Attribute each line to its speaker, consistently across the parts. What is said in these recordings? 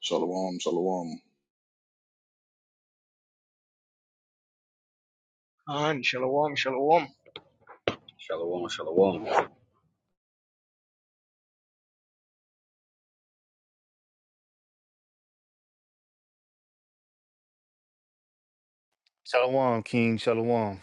Speaker 1: Shalom, shalom.
Speaker 2: On shalom, shalom.
Speaker 3: Shalom, shalom.
Speaker 4: Shalom, King. Shalom.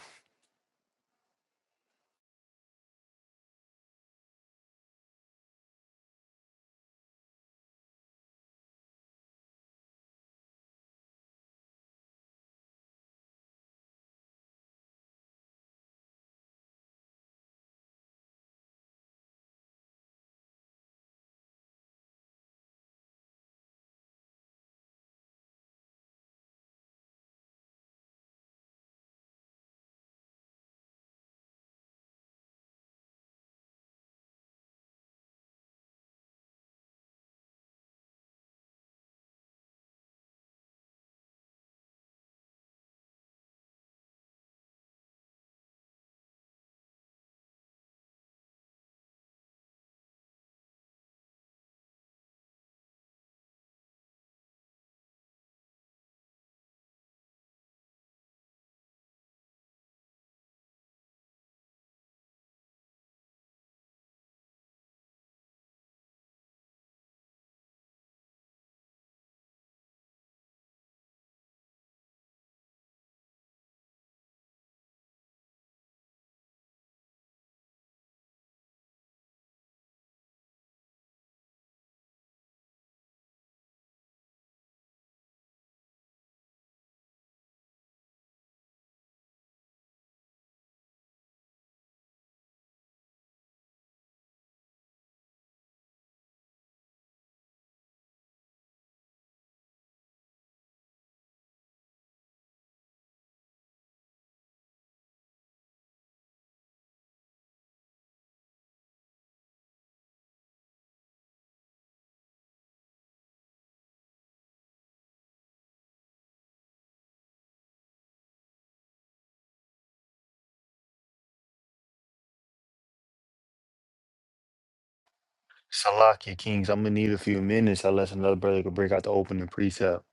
Speaker 4: Salakia, Kings. I'm gonna need a few minutes unless another brother could break out the opening precept.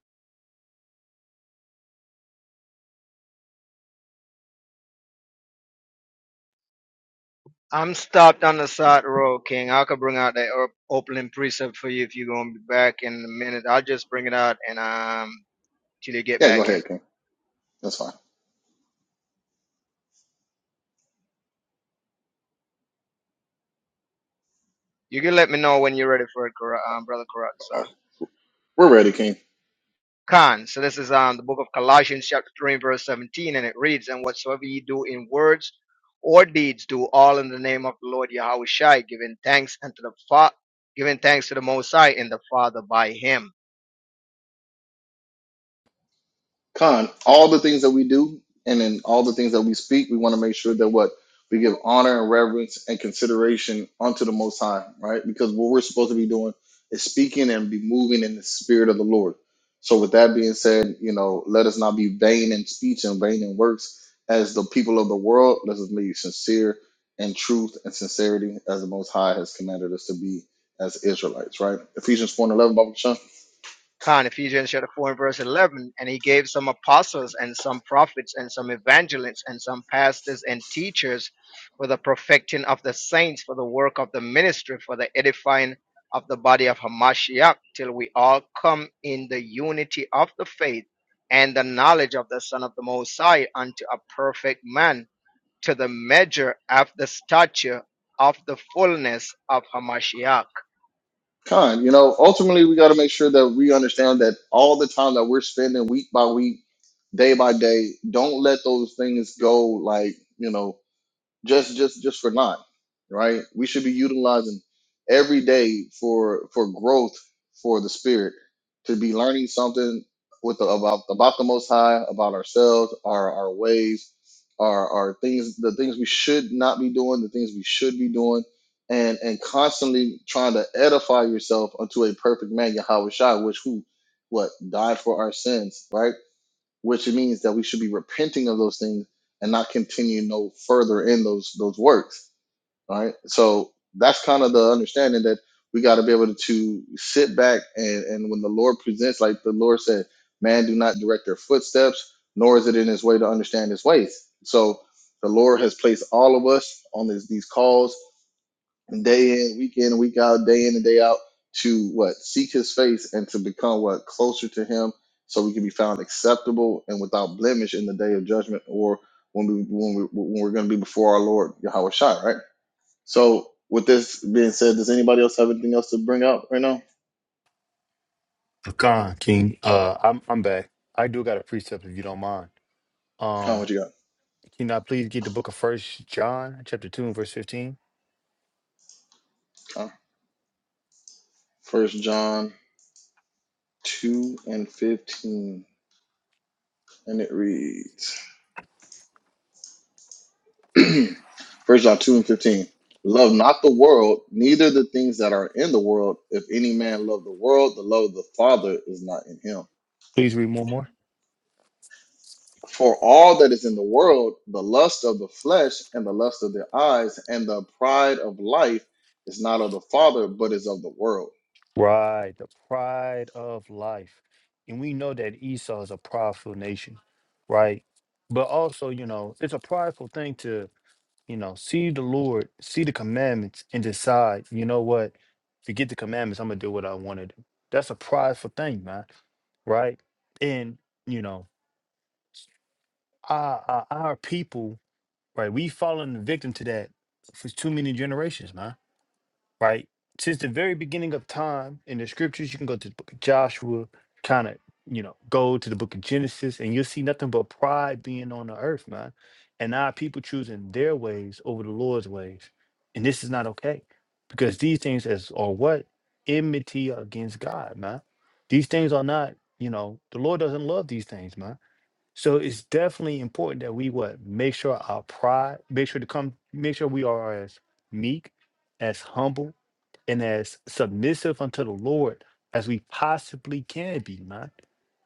Speaker 2: I'm stopped on the side road, King. I could bring out that op- opening precept for you if you're gonna be back in a minute. I'll just bring it out and um till you get
Speaker 1: Yeah, go
Speaker 2: back in.
Speaker 1: ahead, King. That's fine.
Speaker 2: You can let me know when you're ready for it, Kara- um, brother Karat. So.
Speaker 1: We're ready, King.
Speaker 2: Khan. So this is um the book of Colossians, chapter three, verse seventeen, and it reads, "And whatsoever ye do in words or deeds, do all in the name of the Lord Yahweh Shai, giving thanks unto the Fa- giving thanks to the Most High and the Father by Him."
Speaker 1: Con, all the things that we do and in all the things that we speak, we want to make sure that what we give honor and reverence and consideration unto the Most High, right? Because what we're supposed to be doing is speaking and be moving in the Spirit of the Lord. So, with that being said, you know, let us not be vain in speech and vain in works as the people of the world. Let us be sincere in truth and sincerity as the Most High has commanded us to be as Israelites, right? Ephesians 4 and 11, Bible
Speaker 2: Con, Ephesians chapter 4 and verse 11, and he gave some apostles and some prophets and some evangelists and some pastors and teachers for the perfecting of the saints, for the work of the ministry, for the edifying of the body of Hamashiach, till we all come in the unity of the faith and the knowledge of the Son of the Most High unto a perfect man, to the measure of the stature of the fullness of Hamashiach
Speaker 1: Con, you know, ultimately we got to make sure that we understand that all the time that we're spending week by week, day by day, don't let those things go like, you know, just just just for not right we should be utilizing every day for for growth for the spirit to be learning something with the, about about the most high about ourselves our our ways our our things the things we should not be doing the things we should be doing and and constantly trying to edify yourself unto a perfect man Yahweh Shai which who what died for our sins right which means that we should be repenting of those things and not continue no further in those those works. All right. So that's kind of the understanding that we got to be able to, to sit back and, and when the Lord presents, like the Lord said, man, do not direct their footsteps, nor is it in his way to understand his ways. So the Lord has placed all of us on this, these calls day in, week in, week out, day in and day out to what? Seek his face and to become what? Closer to him so we can be found acceptable and without blemish in the day of judgment or when we when we when we're gonna be before our Lord Yahweh Shai, right? So with this being said, does anybody else have anything else to bring up right now?
Speaker 4: Akan, King. Uh, I'm I'm back. I do got a precept if you don't mind.
Speaker 1: Con,
Speaker 4: Um,
Speaker 1: what you got?
Speaker 4: can I please get the book of First John, chapter two and verse fifteen?
Speaker 1: Con. First John two and fifteen. And it reads. First John 2 and 15. Love not the world, neither the things that are in the world. If any man love the world, the love of the Father is not in him.
Speaker 4: Please read one more.
Speaker 1: For all that is in the world, the lust of the flesh and the lust of the eyes and the pride of life is not of the Father, but is of the world.
Speaker 4: Right, the pride of life, and we know that Esau is a prideful nation, right? But also, you know, it's a prideful thing to. you know, see the Lord, see the commandments, and decide, you know what, forget the commandments, I'm gonna do what I want to do. That's a prideful thing, man, right? And you know, our our, our people, right? We have fallen victim to that for too many generations, man right? Since the very beginning of time in the scriptures, you can go to the book of Joshua, kind of, you know, go to the book of Genesis, and you'll see nothing but pride being on the earth, man. And our people choosing their ways over the Lord's ways. And this is not okay because these things as are what? Enmity against God, man. These things are not, you know, the Lord doesn't love these things, man so it's definitely important that we what make sure our pride, make sure to come, make sure we are as meek, as humble, and as submissive unto the Lord as we possibly can be, man.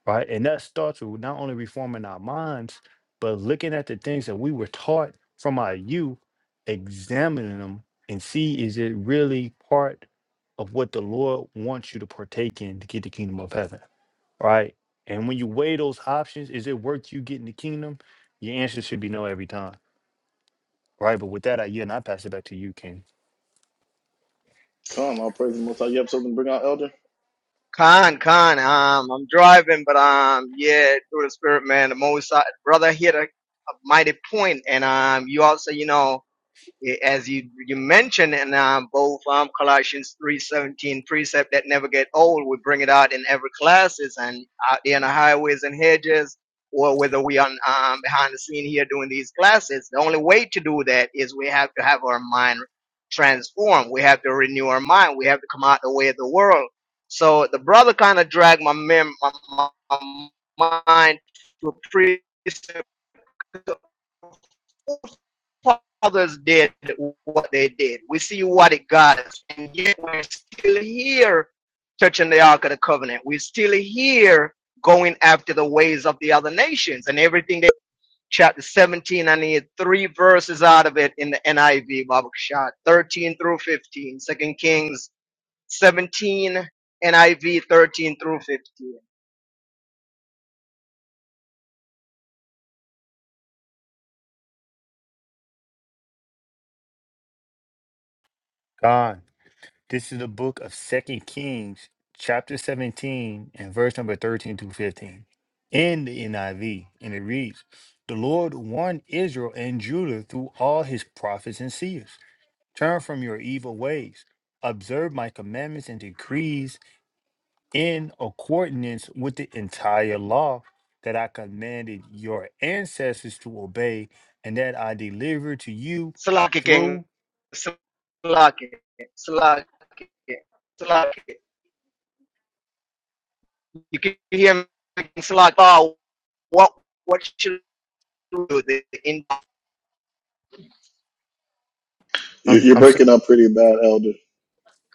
Speaker 4: Right. And that starts with not only reforming our minds, but looking at the things that we were taught from our youth, examining them and see is it really part of what the Lord wants you to partake in to get the kingdom of heaven right? And when you weigh those options, is it worth you getting the kingdom? Your answer should be no every time, right? But with that, I yeah, and I pass it back to you, King.
Speaker 1: Come, I'll praise the Most High. You have something to bring out, Elder?
Speaker 2: Khan, Khan, um, I'm driving, but um, yeah, through the spirit, man, the most uh, brother hit a, a mighty point, and um, you also, you know eh, as you you mentioned in um, both um, Colossians 3:17 precept that never get old, we bring it out in every classes and out there in the highways and hedges, or whether we are um, behind the scene here doing these classes. The only way to do that is we have to have our mind transformed. We have to renew our mind. We have to come out the way of the world. So the brother kind of dragged my, mem- my my mind to a precept fathers did what they did. We see what it got us. And yet we're still here touching the Ark of the Covenant. We're still here going after the ways of the other nations and everything that chapter 17. I need three verses out of it in the NIV, Bible shot 13 through fifteen. Second Kings 17, NIV 13 through 15.
Speaker 4: God, this is the book of Second Kings, chapter 17, and verse number 13 through 15 in the NIV. And it reads, The Lord warned Israel and Judah through all his prophets and seers. Turn from your evil ways. Observe my commandments and decrees in accordance with the entire law that I commanded your ancestors to obey and that I delivered to you
Speaker 2: Salaki King,
Speaker 4: through.
Speaker 2: Salaki, Salaki, Salaki. you can hear me it's like, oh, what what should we do? The Indocon.
Speaker 1: You-
Speaker 4: I'm,
Speaker 1: You're
Speaker 4: I'm so-
Speaker 1: breaking up pretty bad, Elder.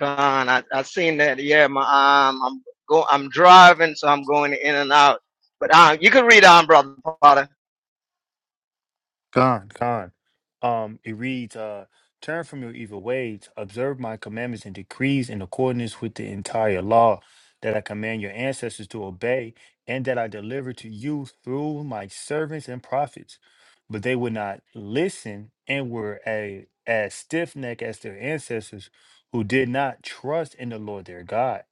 Speaker 2: I I seen that. Yeah, my um, I'm go I'm driving, so I'm going in and out. But um, you can read on, brother, brother.
Speaker 4: Gone, gone. Um, it reads, uh, turn from your evil ways, observe my commandments and decrees in accordance with the entire law that I command your ancestors to obey, and that I deliver to you through my servants and prophets. But they would not listen and were a, as stiff necked as their ancestors who did not trust in the Lord their God.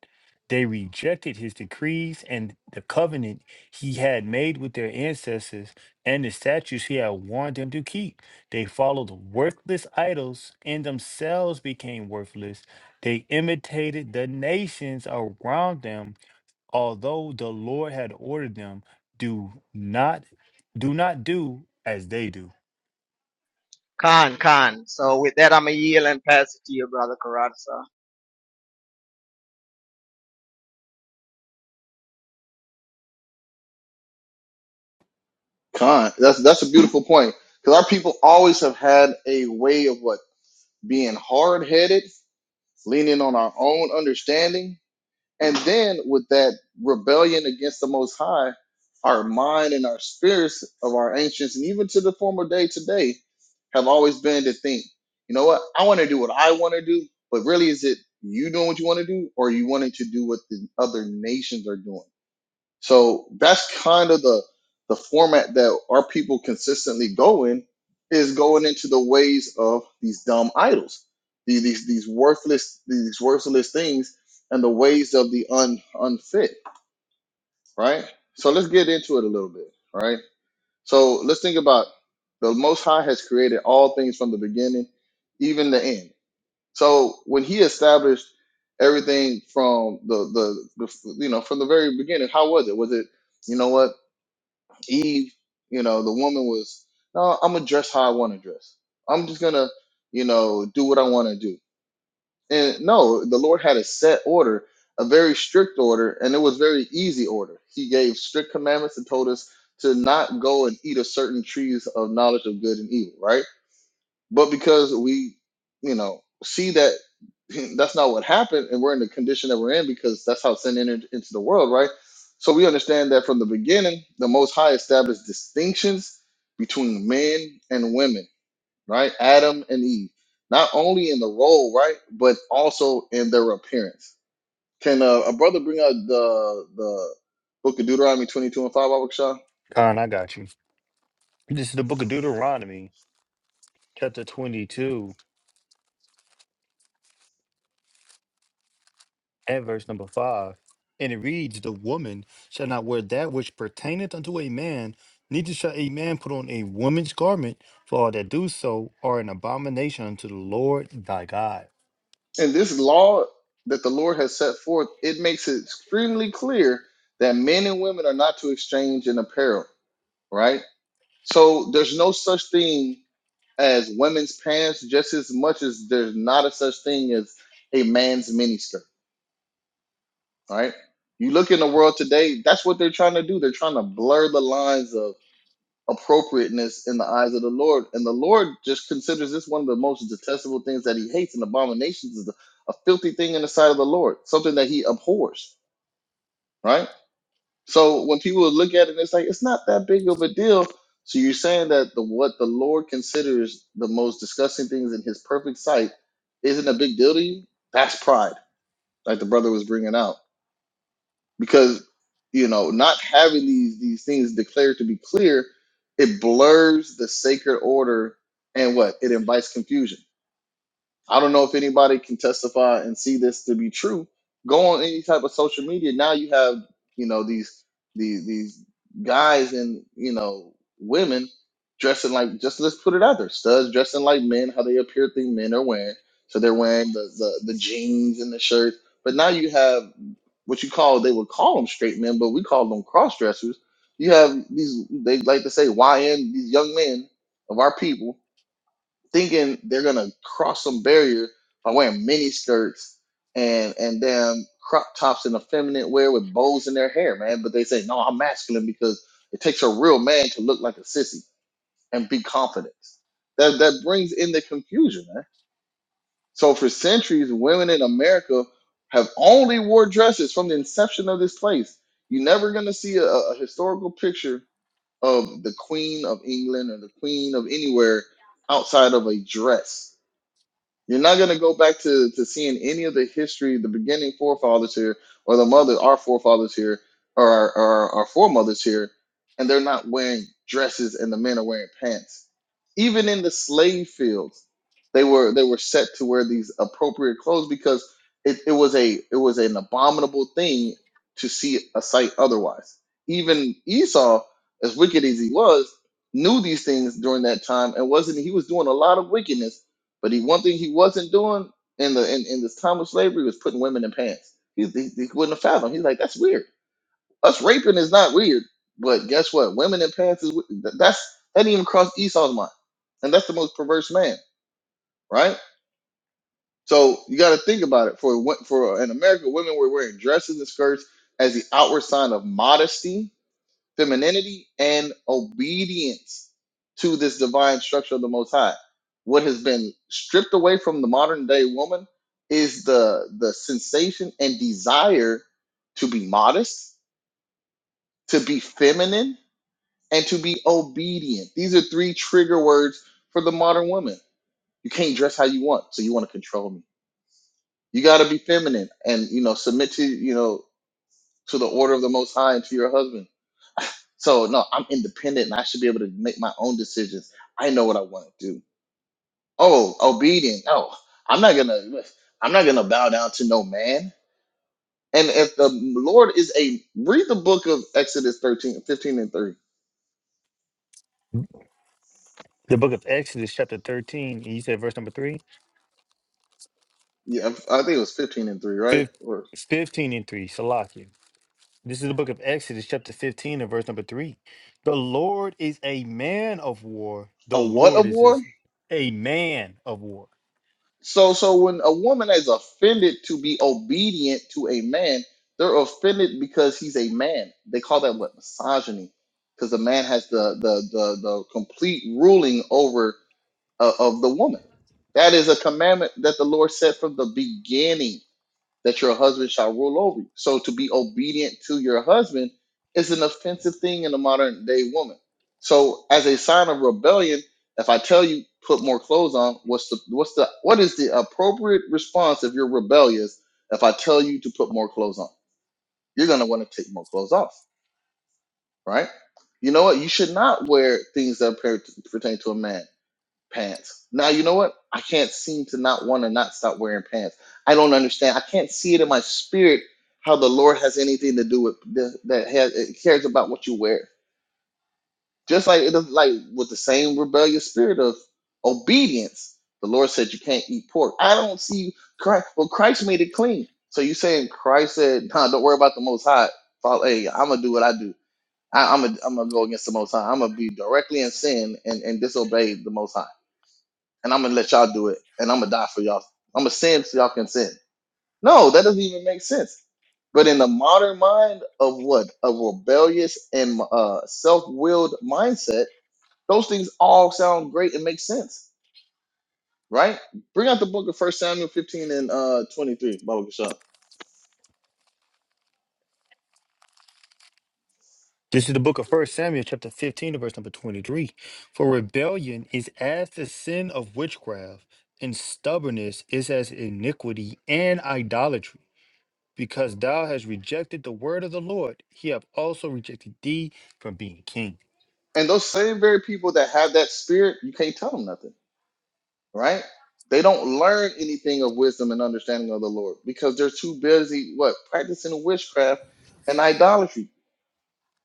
Speaker 4: They rejected his decrees and the covenant he had made with their ancestors and the statues he had warned them to keep. They followed worthless idols and themselves became worthless. They imitated the nations around them, although the Lord had ordered them, do not do not do as they do.
Speaker 2: Khan, Khan. So with that, I'm a yield and pass it to you, brother Karatza.
Speaker 1: Con, that's that's a beautiful point because our people always have had a way of what being hard headed, leaning on our own understanding, and then with that rebellion against the Most High, our mind and our spirits of our ancients and even to the former day today have always been to think, you know what, I want to do what I want to do, but really is it you doing what you want to do, or are you wanting to do what the other nations are doing? So that's kind of the the format that our people consistently go in is going into the ways of these dumb idols, these these, these worthless these worthless things, and the ways of the un unfit. Right. So let's get into it a little bit. Right. So let's think about the Most High has created all things from the beginning, even the end. So when He established everything from the the, the you know from the very beginning, how was it? Was it you know what? Eve, you know, the woman was, no, I'm gonna dress how I want to dress. I'm just gonna, you know, do what I want to do. And no, the Lord had a set order, a very strict order, and it was very easy order. He gave strict commandments and told us to not go and eat of certain trees of knowledge of good and evil, right? but because we you know see that that's not what happened and we're in the condition that we're in because that's how sin entered into the world right so we understand that from the beginning the most high established distinctions between men and women right adam and eve not only in the role right but also in their appearance can uh, a brother bring out the the book of deuteronomy 22 and 5 Abishai?
Speaker 4: Khan, I got you. This is the book of Deuteronomy, chapter 22. at verse number five, and it reads, The woman shall not wear that which pertaineth unto a man, neither shall a man put on a woman's garment, for all that do so are an abomination unto the Lord thy God.
Speaker 1: And this law that the Lord has set forth, it makes it extremely clear that men and women are not to exchange in apparel, right? So there's no such thing as women's pants just as much as there's not a such thing as a man's miniskirt, right? You look in the world today, that's what they're trying to do. They're trying to blur the lines of appropriateness in the eyes of the Lord. And the Lord just considers this one of the most detestable things that he hates and abominations is a filthy thing in the sight of the Lord, something that he abhors, right? So when people look at it, it's like, it's not that big of a deal. So you're saying that the what the Lord considers the most disgusting things in his perfect sight isn't a big deal to you? That's pride, like the brother was bringing out because you know not having these these things declared to be clear it blurs the sacred order and what it invites confusion i don't know if anybody can testify and see this to be true go on any type of social media now you have you know these these these guys and you know women dressing like just let's put it out there studs dressing like men how they appear think men are wearing so they're wearing the the, the jeans and the shirt but now you have what you call they would call them straight men, but we call them cross dressers. You have these they like to say YN these young men of our people thinking they're gonna cross some barrier by wearing mini skirts and and damn crop tops and effeminate wear with bows in their hair, man. But they say no, I'm masculine because it takes a real man to look like a sissy and be confident. That that brings in the confusion, man so for centuries, women in America have only wore dresses from the inception of this place. You're never gonna see a, a historical picture of the Queen of England or the Queen of anywhere outside of a dress you're not going to go back to, to seeing any of the history, the beginning forefathers here, or the mother, our forefathers here, or our, our, our foremothers here, and they're not wearing dresses and the men are wearing pants. Even in the slave fields, they were they were set to wear these appropriate clothes because it, it was a it was an abominable thing to see a sight otherwise. Even Esau, as wicked as he was, knew these things during that time and wasn't he was doing a lot of wickedness but he one thing he wasn't doing in the in, in this time of slavery was putting women in pants. He, he, he wouldn't have fathomed. He's like, that's weird. Us raping is not weird, but guess what? Women in pants is we- th- that's that didn't even cross Esau's mind, and that's the most perverse man, right? So you got to think about it. For wo- for in America, women were wearing dresses and skirts as the outward sign of modesty femininity and obedience to this divine structure of the Most High. What has been stripped away from the modern day woman is the the sensation and desire to be modest, to be feminine, and to be obedient. These are three trigger words for the modern woman. You can't dress how you want, so you want to control me. You got to be feminine and you know submit to you know to the order of the Most High and to your husband So no, I'm independent and I should be able to make my own decisions. I know what I want to do. Oh, obedient. Oh, I'm not gonna I'm not gonna bow down to no man. And if the Lord is a read the book of Exodus 13, 15, and 3.
Speaker 4: The book of Exodus, chapter 13, and you said verse number three,
Speaker 1: Yeah, I think it was 15 and 3, right?
Speaker 4: Fif-
Speaker 1: Or
Speaker 4: 15 and 3, Salakia. This is the book of Exodus, chapter 15, and verse number 3. The Lord is a man of war. The
Speaker 1: a what a
Speaker 4: Lord is
Speaker 1: war?
Speaker 4: his, a man of war.
Speaker 1: So, so when a woman is offended to be obedient to a man, they're offended because he's a man. They call that what misogyny, because the man has the the the, the complete ruling over uh, of the woman. That is a commandment that the Lord said from the beginning that your husband shall rule over you. So to be obedient to your husband is an offensive thing in a modern day woman. So as a sign of rebellion, if I tell you put more clothes on, what's the what's the what is the appropriate response if you're rebellious? If I tell you to put more clothes on, you're gonna want to take more clothes off, right? You know what? You should not wear things that per- pertain to a man pants. Now you know what? I can't seem to not want to not stop wearing pants. I don't understand. I can't see it in my spirit how the Lord has anything to do with the, that has, it cares about what you wear. Just like it is like with the same rebellious spirit of obedience, the Lord said you can't eat pork. I don't see Christ. Well, Christ made it clean. So you saying Christ said, "Nah, don't worry about the Most High. Follow, hey, I'm gonna do what I do. I, I'm gonna I'm gonna go against the Most High. I'm gonna be directly in sin and and disobey the Most High." and I'm gonna let y'all do it, and I'm gonna die for y'all. I'm gonna sin so y'all can sin. No, that doesn't even make sense. But in the modern mind of what a rebellious and uh, self-willed mindset, those things all sound great and make sense, right? Bring out the book of First Samuel 15 and uh, 23, Baba Gashan.
Speaker 4: This is the book of First Samuel, chapter 15, to verse number 23. For rebellion is as the sin of witchcraft, and stubbornness is as iniquity and idolatry. Because thou hast rejected the word of the Lord, he hath also rejected thee from being king.
Speaker 1: And those same very people that have that spirit, you can't tell them nothing, right? They don't learn anything of wisdom and understanding of the Lord because they're too busy what practicing witchcraft and idolatry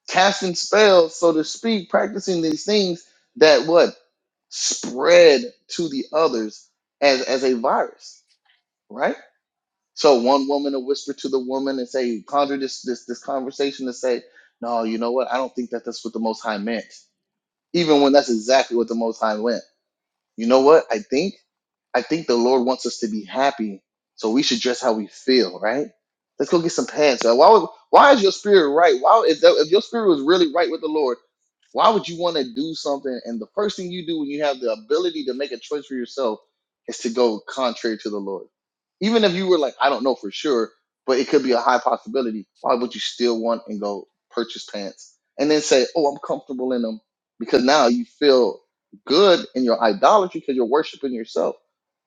Speaker 1: casting spells, so to speak, practicing these things that what spread to the others as as a virus, right? So one woman will whisper to the woman and say, conjure this this this conversation to say, no, you know what? I don't think that that's what the Most High meant, even when that's exactly what the Most High meant. You know what? I think I think the Lord wants us to be happy, so we should dress how we feel, right? Let's go get some pants. Uh, Why would, why is your spirit right? Why if, that, if your spirit was really right with the Lord, why would you want to do something? And the first thing you do when you have the ability to make a choice for yourself is to go contrary to the Lord. Even if you were like, I don't know for sure, but it could be a high possibility. Why would you still want and go purchase pants and then say, Oh, I'm comfortable in them? Because now you feel good in your idolatry because you're worshiping yourself.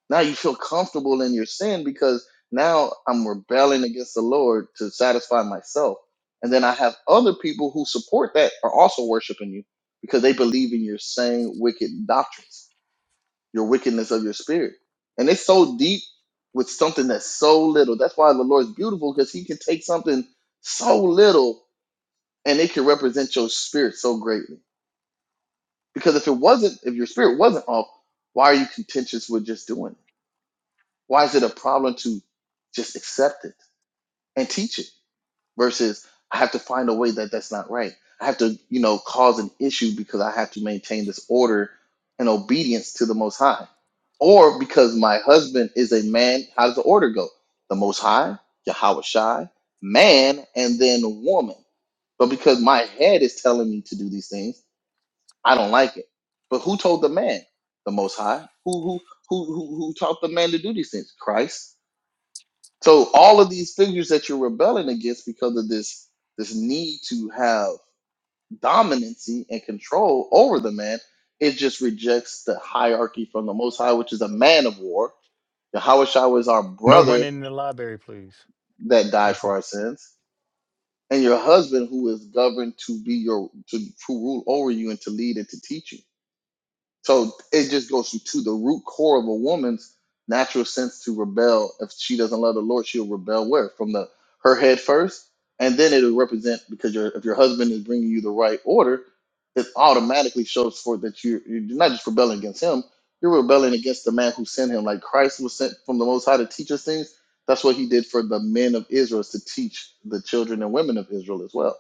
Speaker 1: Now you feel comfortable in your sin because now I'm rebelling against the Lord to satisfy myself. And then I have other people who support that are also worshiping you because they believe in your same wicked doctrines, your wickedness of your spirit. And it's so deep with something that's so little. That's why the Lord's beautiful because he can take something so little and it can represent your spirit so greatly because if it wasn't, if your spirit wasn't off, why are you contentious with just doing it? Why is it a problem to just accept it and teach it versus I have to find a way that that's not right? I have to, you know, cause an issue because I have to maintain this order and obedience to the Most High. Or because my husband is a man, how does the order go? The Most High, Yahweh Shai, man, and then woman. But because my head is telling me to do these things, I don't like it. But who told the man? The Most High. Who who who who, who taught the man to do these things? Christ. So all of these figures that you're rebelling against because of this this need to have dominancy and control over the man, it just rejects the hierarchy from the Most High, which is a man of war. Yahushua is our
Speaker 4: No
Speaker 1: brother
Speaker 4: running in the library, please.
Speaker 1: that died
Speaker 4: Thank
Speaker 1: for
Speaker 4: you.
Speaker 1: our sins, and your husband who is governed to be your to, to rule over you and to lead and to teach you. So it just goes to the root core of a woman's natural sense to rebel. If she doesn't love the Lord, she'll rebel where from the her head first, and then it'll represent because your if your husband is bringing you the right order, it automatically shows forth that you you're not just rebelling against him, you're rebelling against the man who sent him. Like Christ was sent from the Most High to teach us things. That's what he did for the men of Israel is to teach the children and women of Israel as well.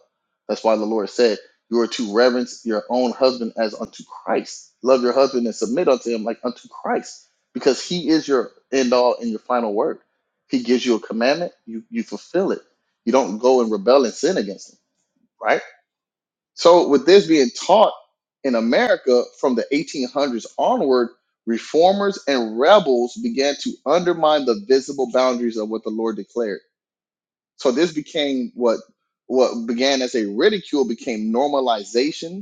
Speaker 1: That's why the Lord said. You are to reverence your own husband as unto Christ. Love your husband and submit unto him like unto Christ, because he is your end all and your final word. He gives you a commandment, you, you fulfill it. You don't go and rebel and sin against him, right? So, with this being taught in America from the 1800s onward, reformers and rebels began to undermine the visible boundaries of what the Lord declared. So, this became what what began as a ridicule became normalization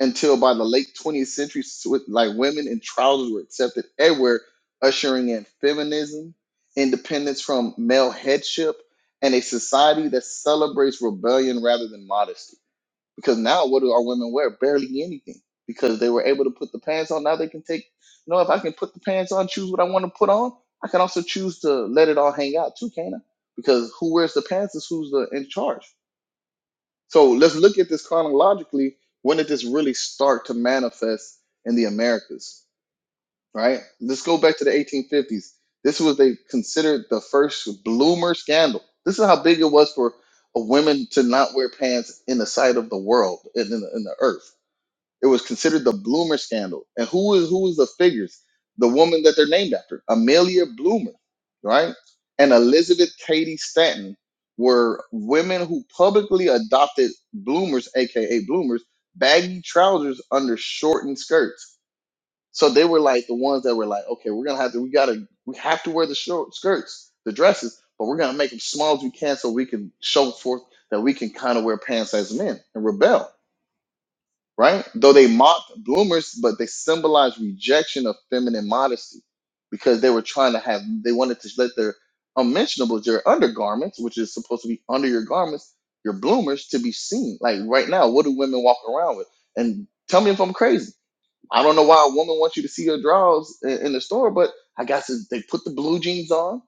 Speaker 1: until by the late 20th century, swi- like women in trousers were accepted everywhere, ushering in feminism, independence from male headship, and a society that celebrates rebellion rather than modesty. Because now, what do our women wear? Barely anything. Because they were able to put the pants on. Now they can take, you know, if I can put the pants on, choose what I want to put on, I can also choose to let it all hang out too, can I? Because who wears the pants is who's the, in charge. So let's look at this chronologically. When did this really start to manifest in the Americas? Right? Let's go back to the 1850s. This was they considered the first bloomer scandal. This is how big it was for a woman to not wear pants in the sight of the world and in the, in the earth. It was considered the Bloomer scandal. And who is who is the figures? The woman that they're named after, Amelia Bloomer, right? And Elizabeth Cady Stanton were women who publicly adopted bloomers, aka bloomers, baggy trousers under shortened skirts. So they were like the ones that were like, okay, we're gonna have to, we gotta, we have to wear the short skirts, the dresses, but we're gonna make them small as we can so we can show forth that we can kind of wear pants as men and rebel right? Though they mocked bloomers, but they symbolized rejection of feminine modesty because they were trying to have, they wanted to let their unmentionables, your undergarments, which is supposed to be under your garments, your bloomers to be seen. Like right now, what do women walk around with? And tell me if I'm crazy. I don't know why a woman wants you to see her drawers in, in the store, but I guess it's- they put the blue jeans on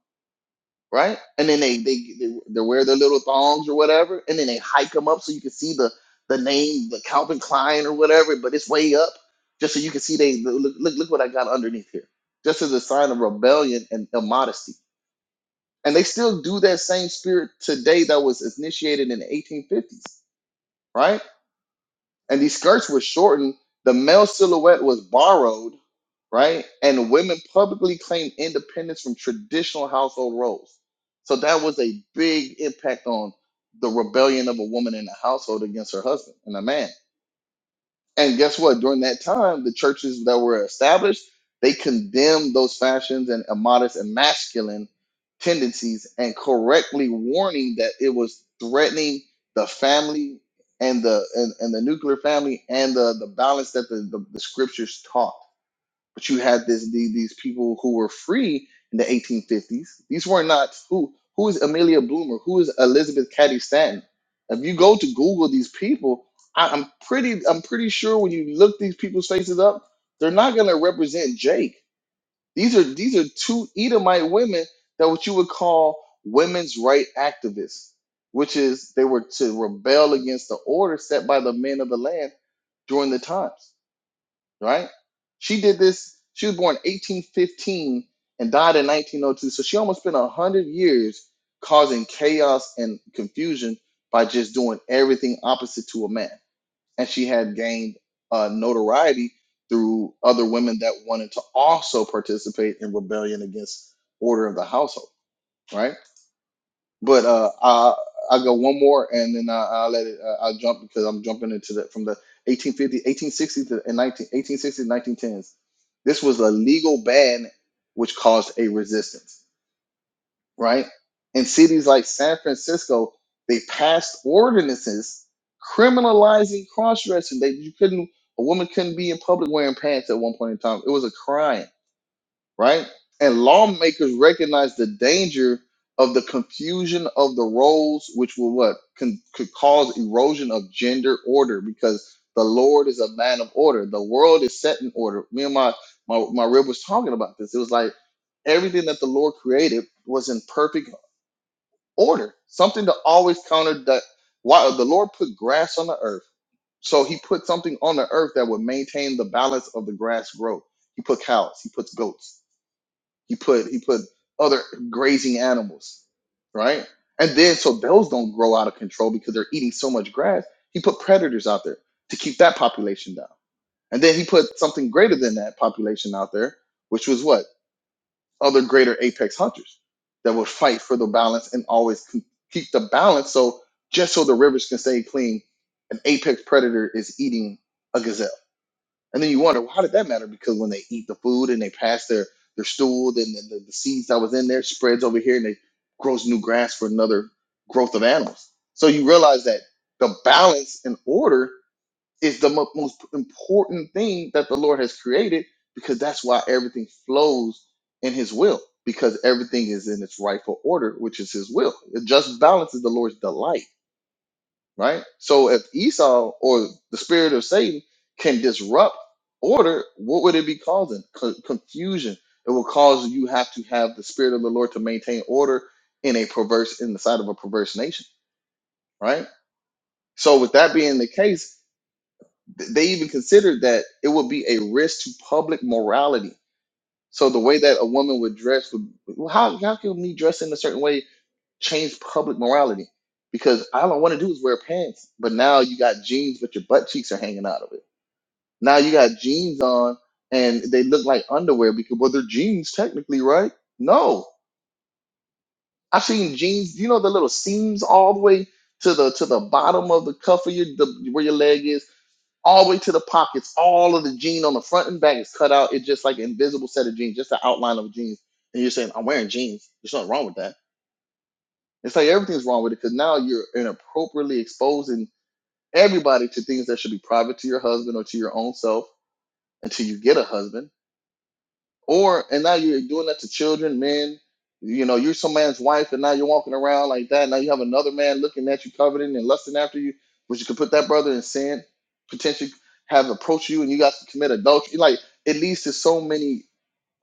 Speaker 1: right? And then they they they, they wear their little thongs or whatever, and then they hike them up so you can see the the name, the Calvin Klein or whatever, but it's way up, just so you can see they look look look what I got underneath here, just as a sign of rebellion and immodesty. And they still do that same spirit today that was initiated in the 1850s, right? and these skirts were shortened. The male silhouette was borrowed, right? And women publicly claimed independence from traditional household roles. So that was a big impact on the rebellion of a woman in the household against her husband and a man. And guess what? During that time, the churches that were established, they condemned those fashions and immodest and masculine tendencies and correctly warning that it was threatening the family and the and, and the nuclear family and the, the balance that the, the, the scriptures taught but you had this the, these people who were free in the 1850s. These were not who who is Amelia Bloomer, who is Elizabeth Cady Stanton. If you go to Google these people, I, I'm pretty I'm pretty sure when you look these people's faces up, they're not going to represent Jake. These are these are two Edomite women that what you would call women's right activists, which is they were to rebel against the order set by the men of the land during the times right? She did this. She was born 1815 and died in 1902. So she almost spent 100 years causing chaos and confusion by just doing everything opposite to a man. And she had gained uh, notoriety through other women that wanted to also participate in rebellion against order of the household, right? But uh, I I go one more, and then I, I'll let it. Uh, I'll jump because I'm jumping into the from the 1850, 1860 to and 19, 1860s, 1910s. This was a legal ban, which caused a resistance. Right in cities like San Francisco, they passed ordinances criminalizing cross dressing. They you couldn't a woman couldn't be in public wearing pants at one point in time. It was a crime right? And lawmakers recognize the danger of the confusion of the roles, which will what can could cause erosion of gender order because the Lord is a man of order. The world is set in order. Me and my my my rib was talking about this. It was like everything that the Lord created was in perfect order. Something to always counter that. Why the Lord put grass on the earth, so He put something on the earth that would maintain the balance of the grass growth. He put cows. He puts goats he put he put other grazing animals, right? And then so those don't grow out of control because they're eating so much grass. He put predators out there to keep that population down. And then he put something greater than that population out there, which was what? Other greater apex hunters that would fight for the balance and always c- keep the balance so just so the rivers can stay clean, an apex predator is eating a gazelle and then you wonder, well, how did that matter? Because when they eat the food and they pass their their stool, then the, the, the seeds that was in there spreads over here, and they grows new grass for another growth of animals. So you realize that the balance and order is the mo- most important thing that the Lord has created, because that's why everything flows in His will, because everything is in its rightful order, which is His will. The just balance is the Lord's delight right? So if Esau or the spirit of Satan can disrupt order, what would it be causing? Co- confusion. It will cause you have to have the spirit of the Lord to maintain order in a perverse in the side of a perverse nation, right? So with that being the case, th- they even considered that it would be a risk to public morality. So the way that a woman would dress would well, how how can we dress in a certain way change public morality because all I want to do is wear pants, but now you got jeans, but your butt cheeks are hanging out of it. Now you got jeans on and they look like underwear because, well, they're jeans technically, right? No, I've seen jeans. You know the little seams all the way to the to the bottom of the cuff of your the, where your leg is, all the way to the pockets. All of the jean on the front and back is cut out. It's just like an invisible set of jeans, just the outline of jeans. And you're saying I'm wearing jeans. There's nothing wrong with that It's like everything's wrong with it because now you're inappropriately exposing everybody to things that should be private to your husband or to your own self until you get a husband. Or and now you're doing that to children, men. You know, you're some man's wife, and now you're walking around like that. Now you have another man looking at you, coveting and lusting after you, which you could put that brother in sin, potentially have approached you, and you guys commit adultery. Like it leads to so many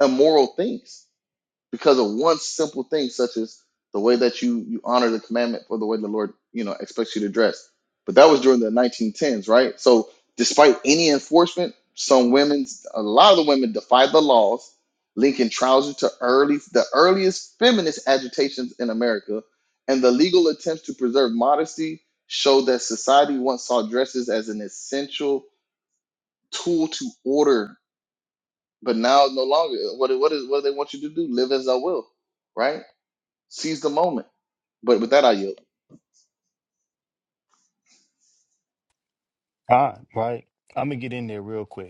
Speaker 1: immoral things because of one simple thing such as the way that you you honor the commandment for the way the lord you know expects you to dress but that was during the 1910s right so despite any enforcement some women's a lot of the women defied the laws linking trousers to early the earliest feminist agitations in america and the legal attempts to preserve modesty showed that society once saw dresses as an essential tool to order but now no longer what, what is what do they want you to do live as i will right Seize the moment. But with that, I yield.
Speaker 4: Ah, right. I'm gonna get in there real quick.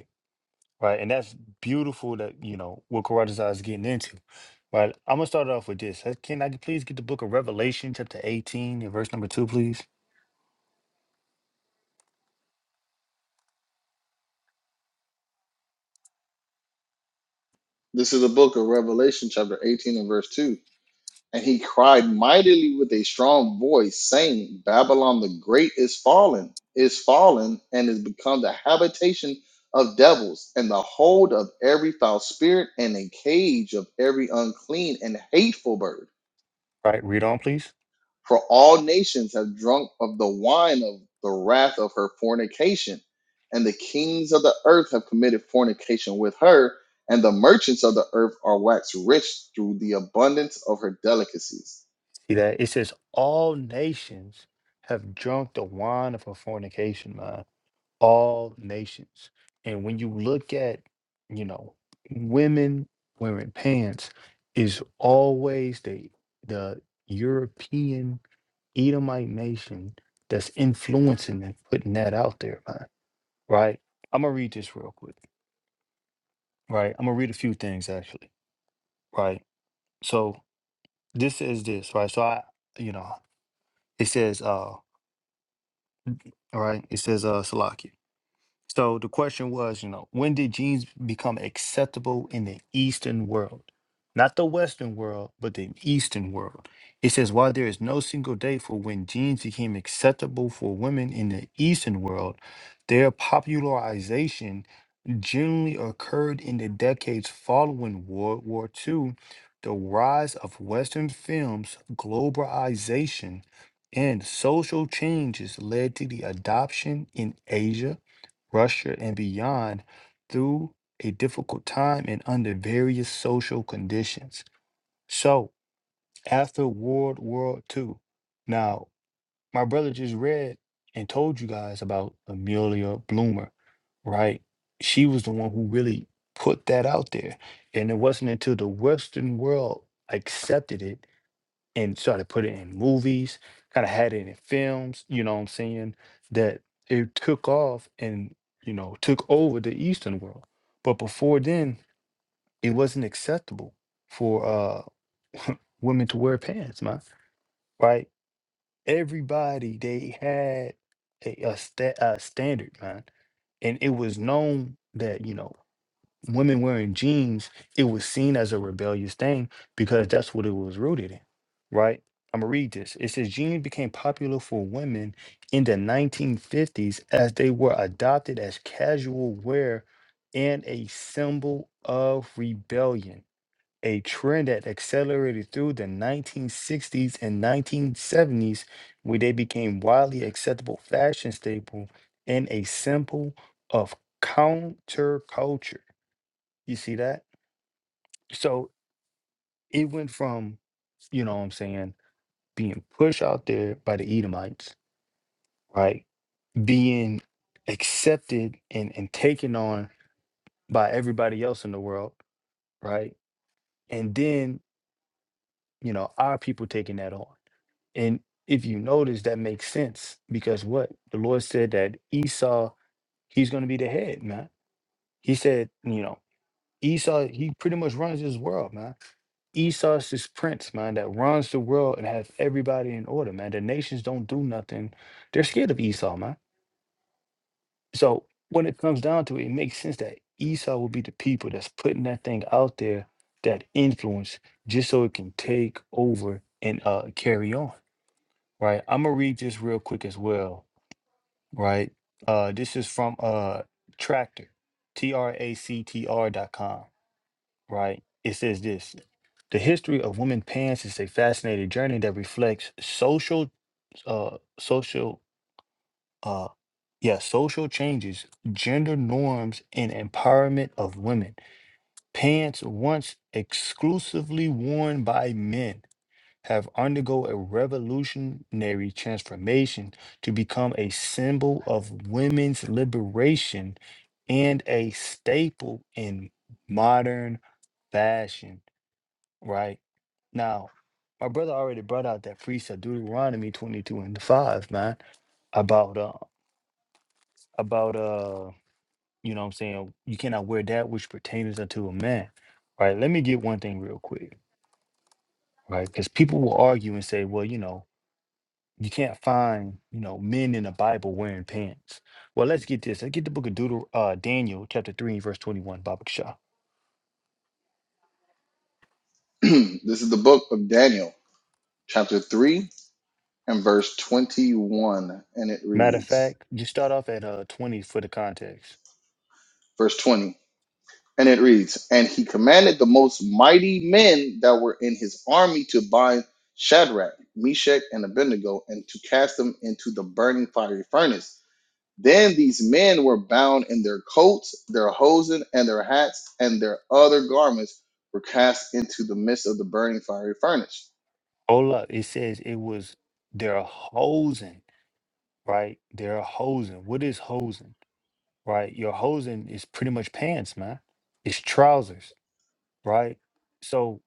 Speaker 4: right? And that's beautiful that, you know, what Karatazar is getting into, right? I'm going to start it off with this. Uh, Can I please get the book of Revelation, chapter 18, and verse number 2, please?
Speaker 1: This is the book of Revelation, chapter 18 and verse 2. And he cried mightily with a strong voice, saying, Babylon the Great is fallen, is fallen, and is become the habitation of devils, and the hold of every foul spirit, and a cage of every unclean and hateful bird.
Speaker 4: Right, read on, please.
Speaker 1: For all nations have drunk of the wine of the wrath of her fornication, and the kings of the earth have committed fornication with her, and the merchants of the earth are waxed rich through the abundance of her delicacies.
Speaker 4: See that? It says, All nations have drunk the wine of her fornication, man. all nations. And when you look at, you know, women wearing pants is always the the European Edomite nation that's influencing and putting that out there, man. Right? I'm gonna read this real quick. Right? I'm gonna read a few things actually. Right? So this is this, right? So I you know, it says uh all right, it says uh Salakia. So the question was, you know, when did jeans become acceptable in the Eastern world? Not the Western world, but the Eastern world. It says, while there is no single date for when jeans became acceptable for women in the Eastern world, their popularization generally occurred in the decades following World War II, the rise of Western films, globalization, and social changes led to the adoption in Asia, Russia, and beyond through a difficult time and under various social conditions. So, after World War II, now my brother just read and told you guys about Amelia Bloomer, right? She was the one who really put that out there. And it wasn't until the Western world accepted it and started putting it in movies, kind of had it in films, you know what I'm saying, that it took off and, you know, took over the Eastern world. But before then, it wasn't acceptable for uh, women to wear pants, man, right? Everybody they had a, a, sta- a standard, man, and it was known that you know women wearing jeans it was seen as a rebellious thing because that's what it was rooted in, right? I'm gonna read this. It says jeans became popular for women in the 1950s as they were adopted as casual wear and a symbol of rebellion a trend that accelerated through the 1960s and 1970s, where they became widely acceptable fashion staple and a symbol of counterculture. You see that? So it went from, you know what I'm saying, being pushed out there by the Edomites, right? Being accepted and, and taken on by everybody else in the world, right? And then, you know, our people taking that on. And if you notice, that makes sense because what the Lord said that Esau, he's going to be the head, man. He said, you know, Esau, he pretty much runs this world, man. Esau's this prince, man, that runs the world and has everybody in order, man. The nations don't do nothing. They're scared of Esau, man. So when it comes down to it, it makes sense that Esau will be the people that's putting that thing out there, that influence, just so it can take over and uh carry on. Right. I'm gonna read this real quick as well right? Uh, this is from uh Tractor, T R A C T R dot com, right? It says this: the history of women's pants is a fascinating journey that reflects social, uh, social, uh, yeah, social changes, gender norms, and empowerment of women. Pants once exclusively worn by men have undergo a revolutionary transformation to become a symbol of women's liberation and a staple in modern fashion, right? Now, my brother already brought out that precept, Deuteronomy 22 and 5, man, about, uh, about, uh, you know what I'm saying? You cannot wear that which pertains unto a man, right? Let me get one thing real quick, right? Because people will argue and say, well, you know, you can't find you know men in the bible wearing pants well let's get this let's get the book of Deuter- uh, daniel chapter 3 verse 21 Baba Shah.
Speaker 1: this is the book of Daniel, chapter 3, and verse 21, and it
Speaker 4: matter of
Speaker 1: reads,
Speaker 4: fact just start off at uh 20 for the context
Speaker 1: verse 20. And it reads, And he commanded the most mighty men that were in his army to bind Shadrach, Meshach, and Abednego, and to cast them into the burning fiery furnace. Then these men were bound in their coats, their hosen, and their hats, and their other garments were cast into the midst of the burning fiery furnace.
Speaker 4: hold up it says it was they're hosing right they're hosing what is hosing right your hosing is pretty much pants man it's trousers right so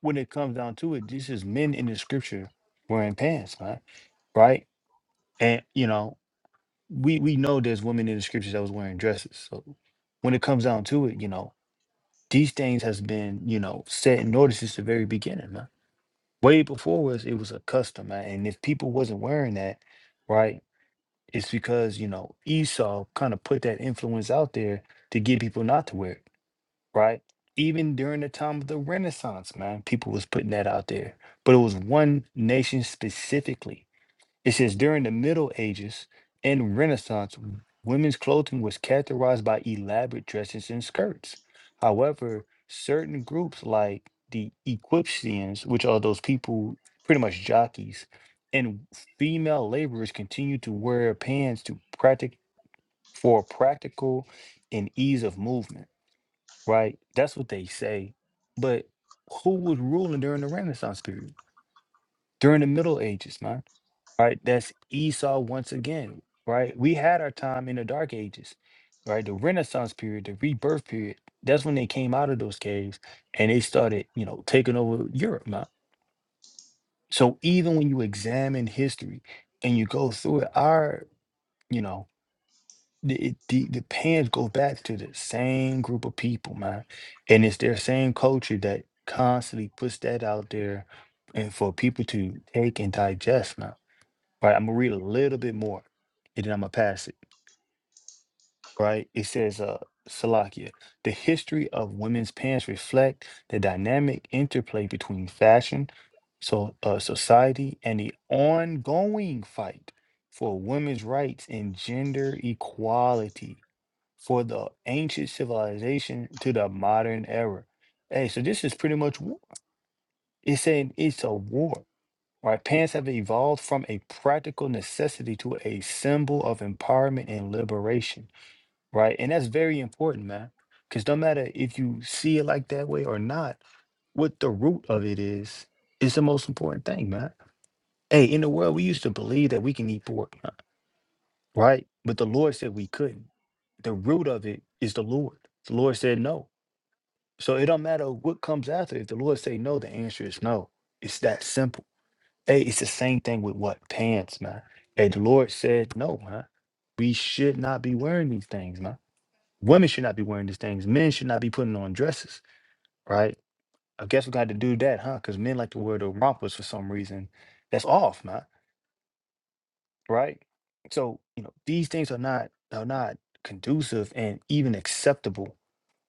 Speaker 4: when it comes down to it this is men in the scripture wearing pants man right and you know we we know there's women in the scriptures that was wearing dresses. So when it comes down to it, you know, these things has been, you know, set in order since the very beginning, man. Way before us, it was a custom, man. And if people wasn't wearing that, right, it's because, you know, Esau kind of put that influence out there to get people not to wear it, right? Even during the time of the Renaissance, man, people was putting that out there. But it was one nation specifically it says during the Middle Ages and Renaissance, w- women's clothing was characterized by elaborate dresses and skirts. However, certain groups like the Equestrians, which are those people pretty much jockeys, and female laborers continued to wear pants to practic for practical and ease of movement. Right? That's what they say. But who was ruling during the Renaissance period? During the Middle Ages, man right? That's Esau once again, right? We had our time in the Dark Ages, right? The Renaissance period, the rebirth period. That's when they came out of those caves and they started, you know, taking over Europe. man. So even when you examine history and you go through it, our, you know, the, it- the the pans go back to the same group of people, man, and it's their same culture that constantly puts that out there, and for people to take and digest, man. Right, I'm gonna read a little bit more, and then I'm gonna pass it. Right, it says, uh, Salakia, the history of women's pants reflect the dynamic interplay between fashion, so uh, society, and the ongoing fight for women's rights and gender equality for the ancient civilization to the modern era. Hey, so this is pretty much war. It's saying it's a war Right? Pants have evolved from a practical necessity to a symbol of empowerment and liberation, right? And that's very important, man. Because no matter if you see it like that way or not, what the root of it is, is the most important thing, man. Hey, in the world, we used to believe that we can eat pork, huh, right? But the Lord said we couldn't. The root of it is the Lord. The Lord said no. So it don't matter what comes after. If the Lord say no, the answer is no. It's that simple. Hey, it's the same thing with what pants, man. Hey, the Lord said no, man. We should not be wearing these things, man. Women should not be wearing these things. Men should not be putting on dresses, right? I guess we got to do that, huh? Because men like to wear the rompers for some reason. That's off, man. Right? So you know these things are not are not conducive and even acceptable.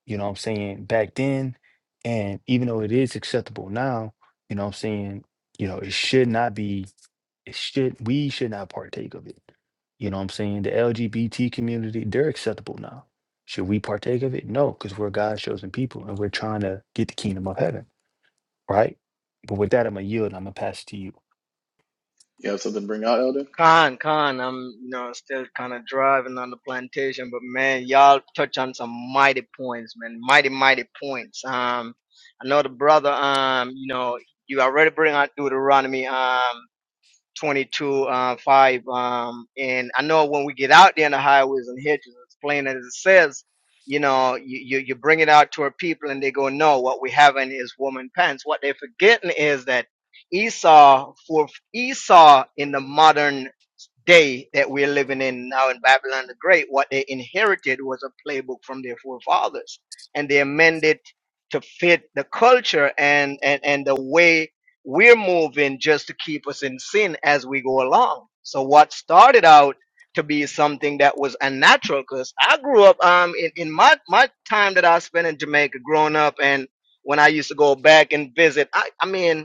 Speaker 4: You know what I'm saying? Back then, and even though it is acceptable now, you know what I'm saying. You know it should not be. it should we should not partake of it. You know what I'm saying? The LGBT community, they're acceptable now. Should we partake of it? No, because we're God's chosen people and we're trying to get the kingdom of heaven, right? But with that, I'm gonna yield and I'm gonna pass it to you.
Speaker 1: You have something to bring out, Elder?
Speaker 2: Con, con, I'm you know still kind of driving on the plantation, but man, y'all touch on some mighty points, man, mighty mighty points. Um, I know the brother, um, you know, you already bring out Deuteronomy, um, 22, uh, 5, um, and I know when we get out there in the highways and hedges, it's plain as it says, you know, you you, you bring it out to our people, and they go, no, what we haven't is woman pants. What they're forgetting is that Esau for Esau in the modern day that we're living in now in Babylon the Great, what they inherited was a playbook from their forefathers, and they amended to fit the culture and and and the way we're moving just to keep us in sin as we go along. So what started out to be something that was unnatural, because I grew up um in, in my my time that I spent in Jamaica growing up, and when I used to go back and visit, I I mean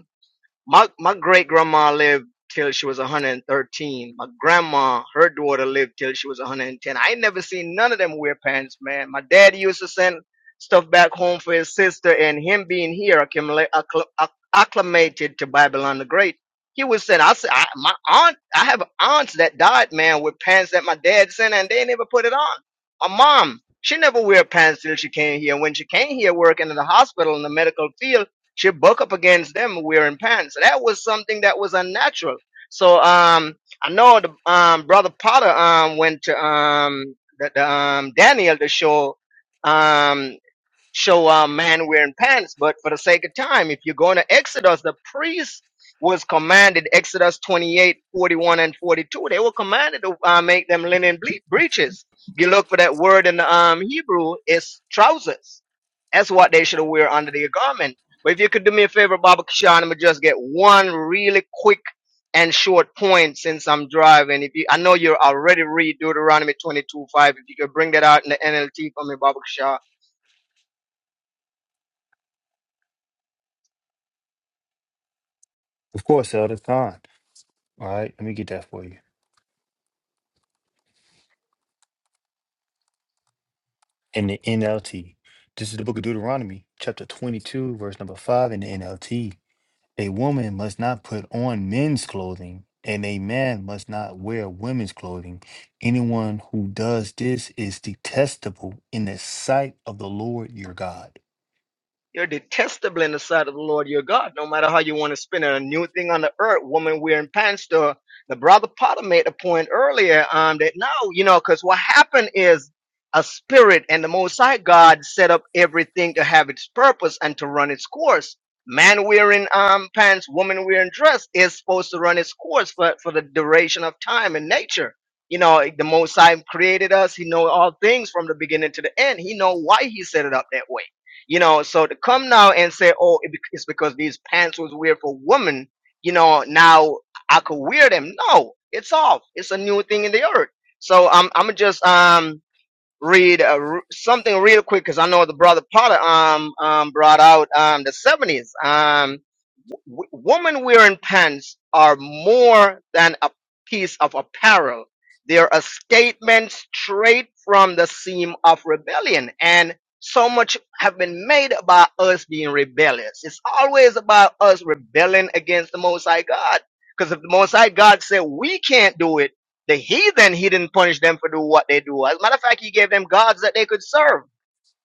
Speaker 2: my my great grandma lived till she was 113. My grandma, her daughter, lived till she was 110. I ain't never seen none of them wear pants, man. My dad used to send stuff back home for his sister, and him being here accumula- accl- acc- acclimated to Babylon the Great. He was saying, I said, I, my aunt, I have aunts that died, man, with pants that my dad sent, and they never put it on. My mom, she never wear pants till she came here. When she came here working in the hospital in the medical field, she buck up against them wearing pants. That was something that was unnatural. So um, I know the um, brother Potter um went to um the, the um Daniel to show um show a man wearing pants, but for the sake of time, if you're going to Exodus, the priest was commanded, Exodus 28:41 and 42, they were commanded to uh, make them linen ble- breeches. You look for that word in the um, Hebrew, it's trousers. That's what they should wear under their garment. But if you could do me a favor, Baba Kishan, I'm gonna just get one really quick and short point since I'm driving. If you, I know you're already read Deuteronomy 22, 5. If you could bring that out in the NLT for me, Baba Kishan.
Speaker 4: Of course, Elder Khan. All right, let me get that for you. In the NLT. This is the book of Deuteronomy, chapter 22, verse number 5 in the NLT. A woman must not put on men's clothing, and a man must not wear women's clothing. Anyone who does this is detestable in the sight of the Lord your God.
Speaker 2: You're detestable in the sight of the Lord your God, no matter how you want to spin it. A new thing on the earth, woman wearing pants to the brother Potter made a point earlier um, that no, you know, because what happened is a spirit and the Most High God set up everything to have its purpose and to run its course. Man wearing um, pants, woman wearing dress is supposed to run its course for, for the duration of time and nature. You know, the Most High created us. He know all things from the beginning to the end. He know why he set it up that way you know so to come now and say oh it bec- it's because these pants was weird for women you know now i could wear them no it's off it's a new thing in the earth so i'm i'm just um read uh, r- something real quick because I know the brother Potter um um brought out um the seventies um w- women wearing pants are more than a piece of apparel. They're a statement straight from the seam of rebellion. And so much have been made about us being rebellious. It's always about us rebelling against the Most High God. Because if the Most High God said we can't do it the heathen, he didn't punish them for do what they do. As a matter of fact, he gave them gods that they could serve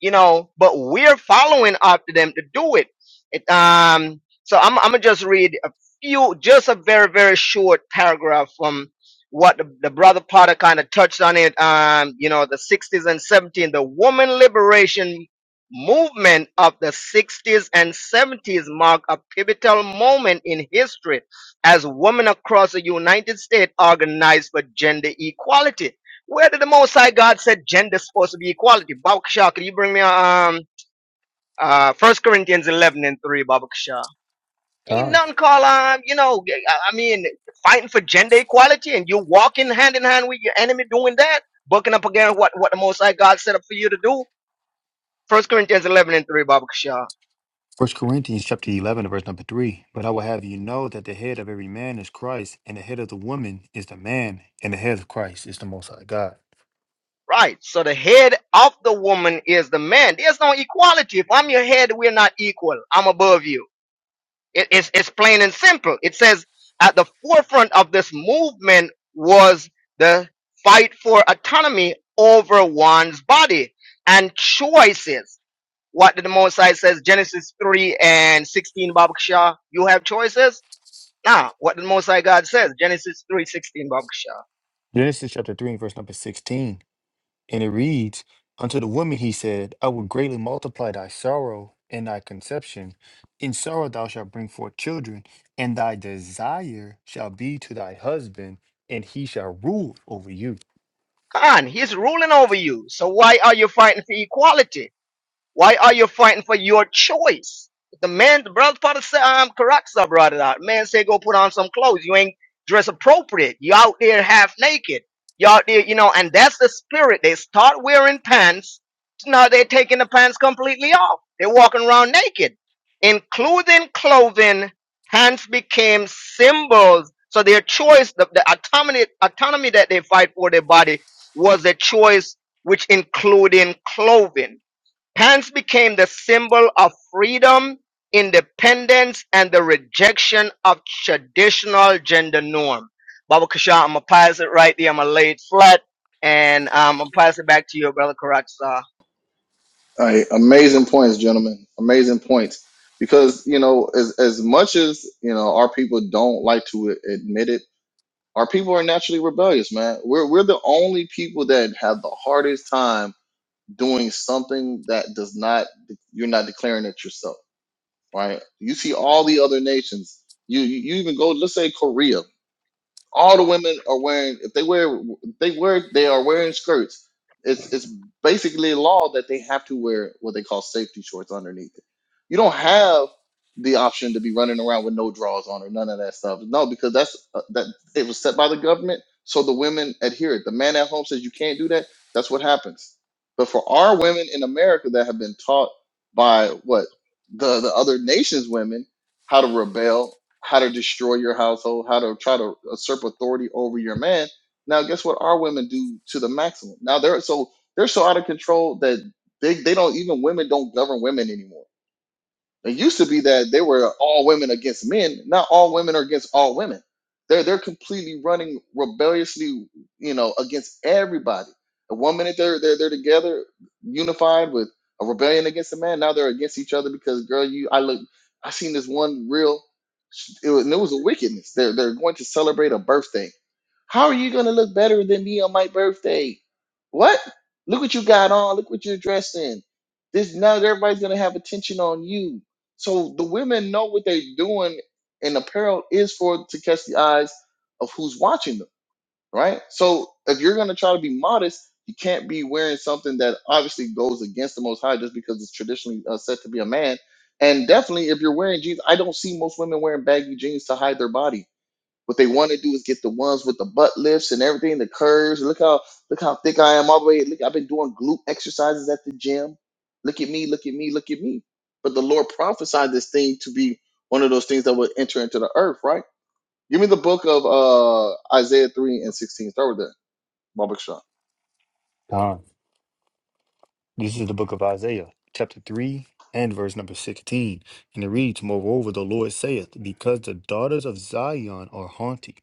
Speaker 2: you know, but we're following after them to do it. it um, so I'm, I'm gonna just read a few, just a very, very short paragraph from what the, the brother Potter kind of touched on it. Um, you know, the 60s and 70s, the woman liberation movement of the 60s and 70s marked a pivotal moment in history as women across the United States organized for gender equality where did the Most High God said gender is supposed to be equality? Babakasha, could you bring me um uh First Corinthians eleven and three, Babakasha? Ain't
Speaker 4: God.
Speaker 2: nothing called um you know I I mean fighting for gender equality and you walking hand in hand with your enemy doing that, bucking up against what what the Most High God set up for you to do. First Corinthians eleven and three, Babakasha.
Speaker 4: First Corinthians chapter eleven, verse number three. But I will have you know that the head of every man is Christ, and the head of the woman is the man, and the head of Christ is the Most High God.
Speaker 2: Right. So the head of the woman is the man. There's no equality. If I'm your head, we're not equal. I'm above you. It- it's, it's plain and simple. It says at the forefront of this movement was the fight for autonomy over one's body and choices. What did the Most High says, Genesis 3 and 16, Babakshah? You have choices? Now, what did the Most High God says, Genesis three sixteen, 16, Babakshah?
Speaker 4: Genesis chapter three, verse number sixteen. And it reads, Unto the woman he said, I will greatly multiply thy sorrow and thy conception. In sorrow thou shalt bring forth children, and thy desire shall be to thy husband, and he shall rule over you.
Speaker 2: Come on, he's ruling over you. So why are you fighting for equality? Why are you fighting for your choice? The man, the brother, father said, um, Karatza brought it out. Man said, go put on some clothes. You ain't dress appropriate. You out there half naked. You out there, you know, and that's the spirit. They start wearing pants. Now they're taking the pants completely off. They're walking around naked. Including clothing, pants became symbols. So their choice, the, the autonomy, autonomy that they fight for their body was a choice which including clothing. Pants became the symbol of freedom, independence, and the rejection of traditional gender norm. Baba Kasha, I'm gonna pass it right there. I'm gonna lay it flat, and um, I'm gonna pass it back to you, brother Karatza.
Speaker 1: All right, amazing points, gentlemen. Amazing points. Because, you know, as, as much as, you know, our people don't like to admit it, Our people are naturally rebellious, man. We're we're the only people that have the hardest time doing something that does not you're not declaring it yourself, right? You see all the other nations. You you you even go let's say Korea all the women are wearing if they wear if they wear they are wearing skirts it's it's basically a law that they have to wear what they call safety shorts underneath it you don't have the option to be running around with no drawers on or none of that stuff no because that's uh, that it was set by the government so the women adhere it the man at home says you can't do that that's what happens but for our women in america that have been taught by what the the other nations women how to rebel how to destroy your household, how to try to usurp authority over your man. Now, guess what? Our women do to the maximum. Now they're so they're so out of control that they, they don't even women don't govern women anymore it used to be that they were all women against men. Now all women are against all women. They're they're completely running rebelliously, you know, against everybody. And one minute they're they're they're together, unified with a rebellion against a man. Now they're against each other because girl, you I look, I seen this one real. It was, and it was a wickedness. They're they're going to celebrate a birthday how are you going to look better than me on my birthday? What? Look what you got on. Look what you're dressed in. This now everybody's going to have attention on you. So the women know what they're doing, and apparel is for to catch the eyes of who's watching them, right? So if you're going to try to be modest, you can't be wearing something that obviously goes against the Most High just because it's traditionally uh, said to be a man. And definitely, if you're wearing jeans, I don't see most women wearing baggy jeans to hide their body what they want to do is get the ones with the butt lifts and everything, the curves. Look how look how thick I am all the way. Look, I've been doing glute exercises at the gym. Look at me, look at me, look at me. But the Lord prophesied this thing to be one of those things that would enter into the earth, right? Give me the book of uh Isaiah 3 and 16. Start with that. Baba Keshav.
Speaker 4: This is the book of Isaiah, chapter 3 and verse number 16. And it reads, Moreover, the Lord saith, Because the daughters of Zion are haughty,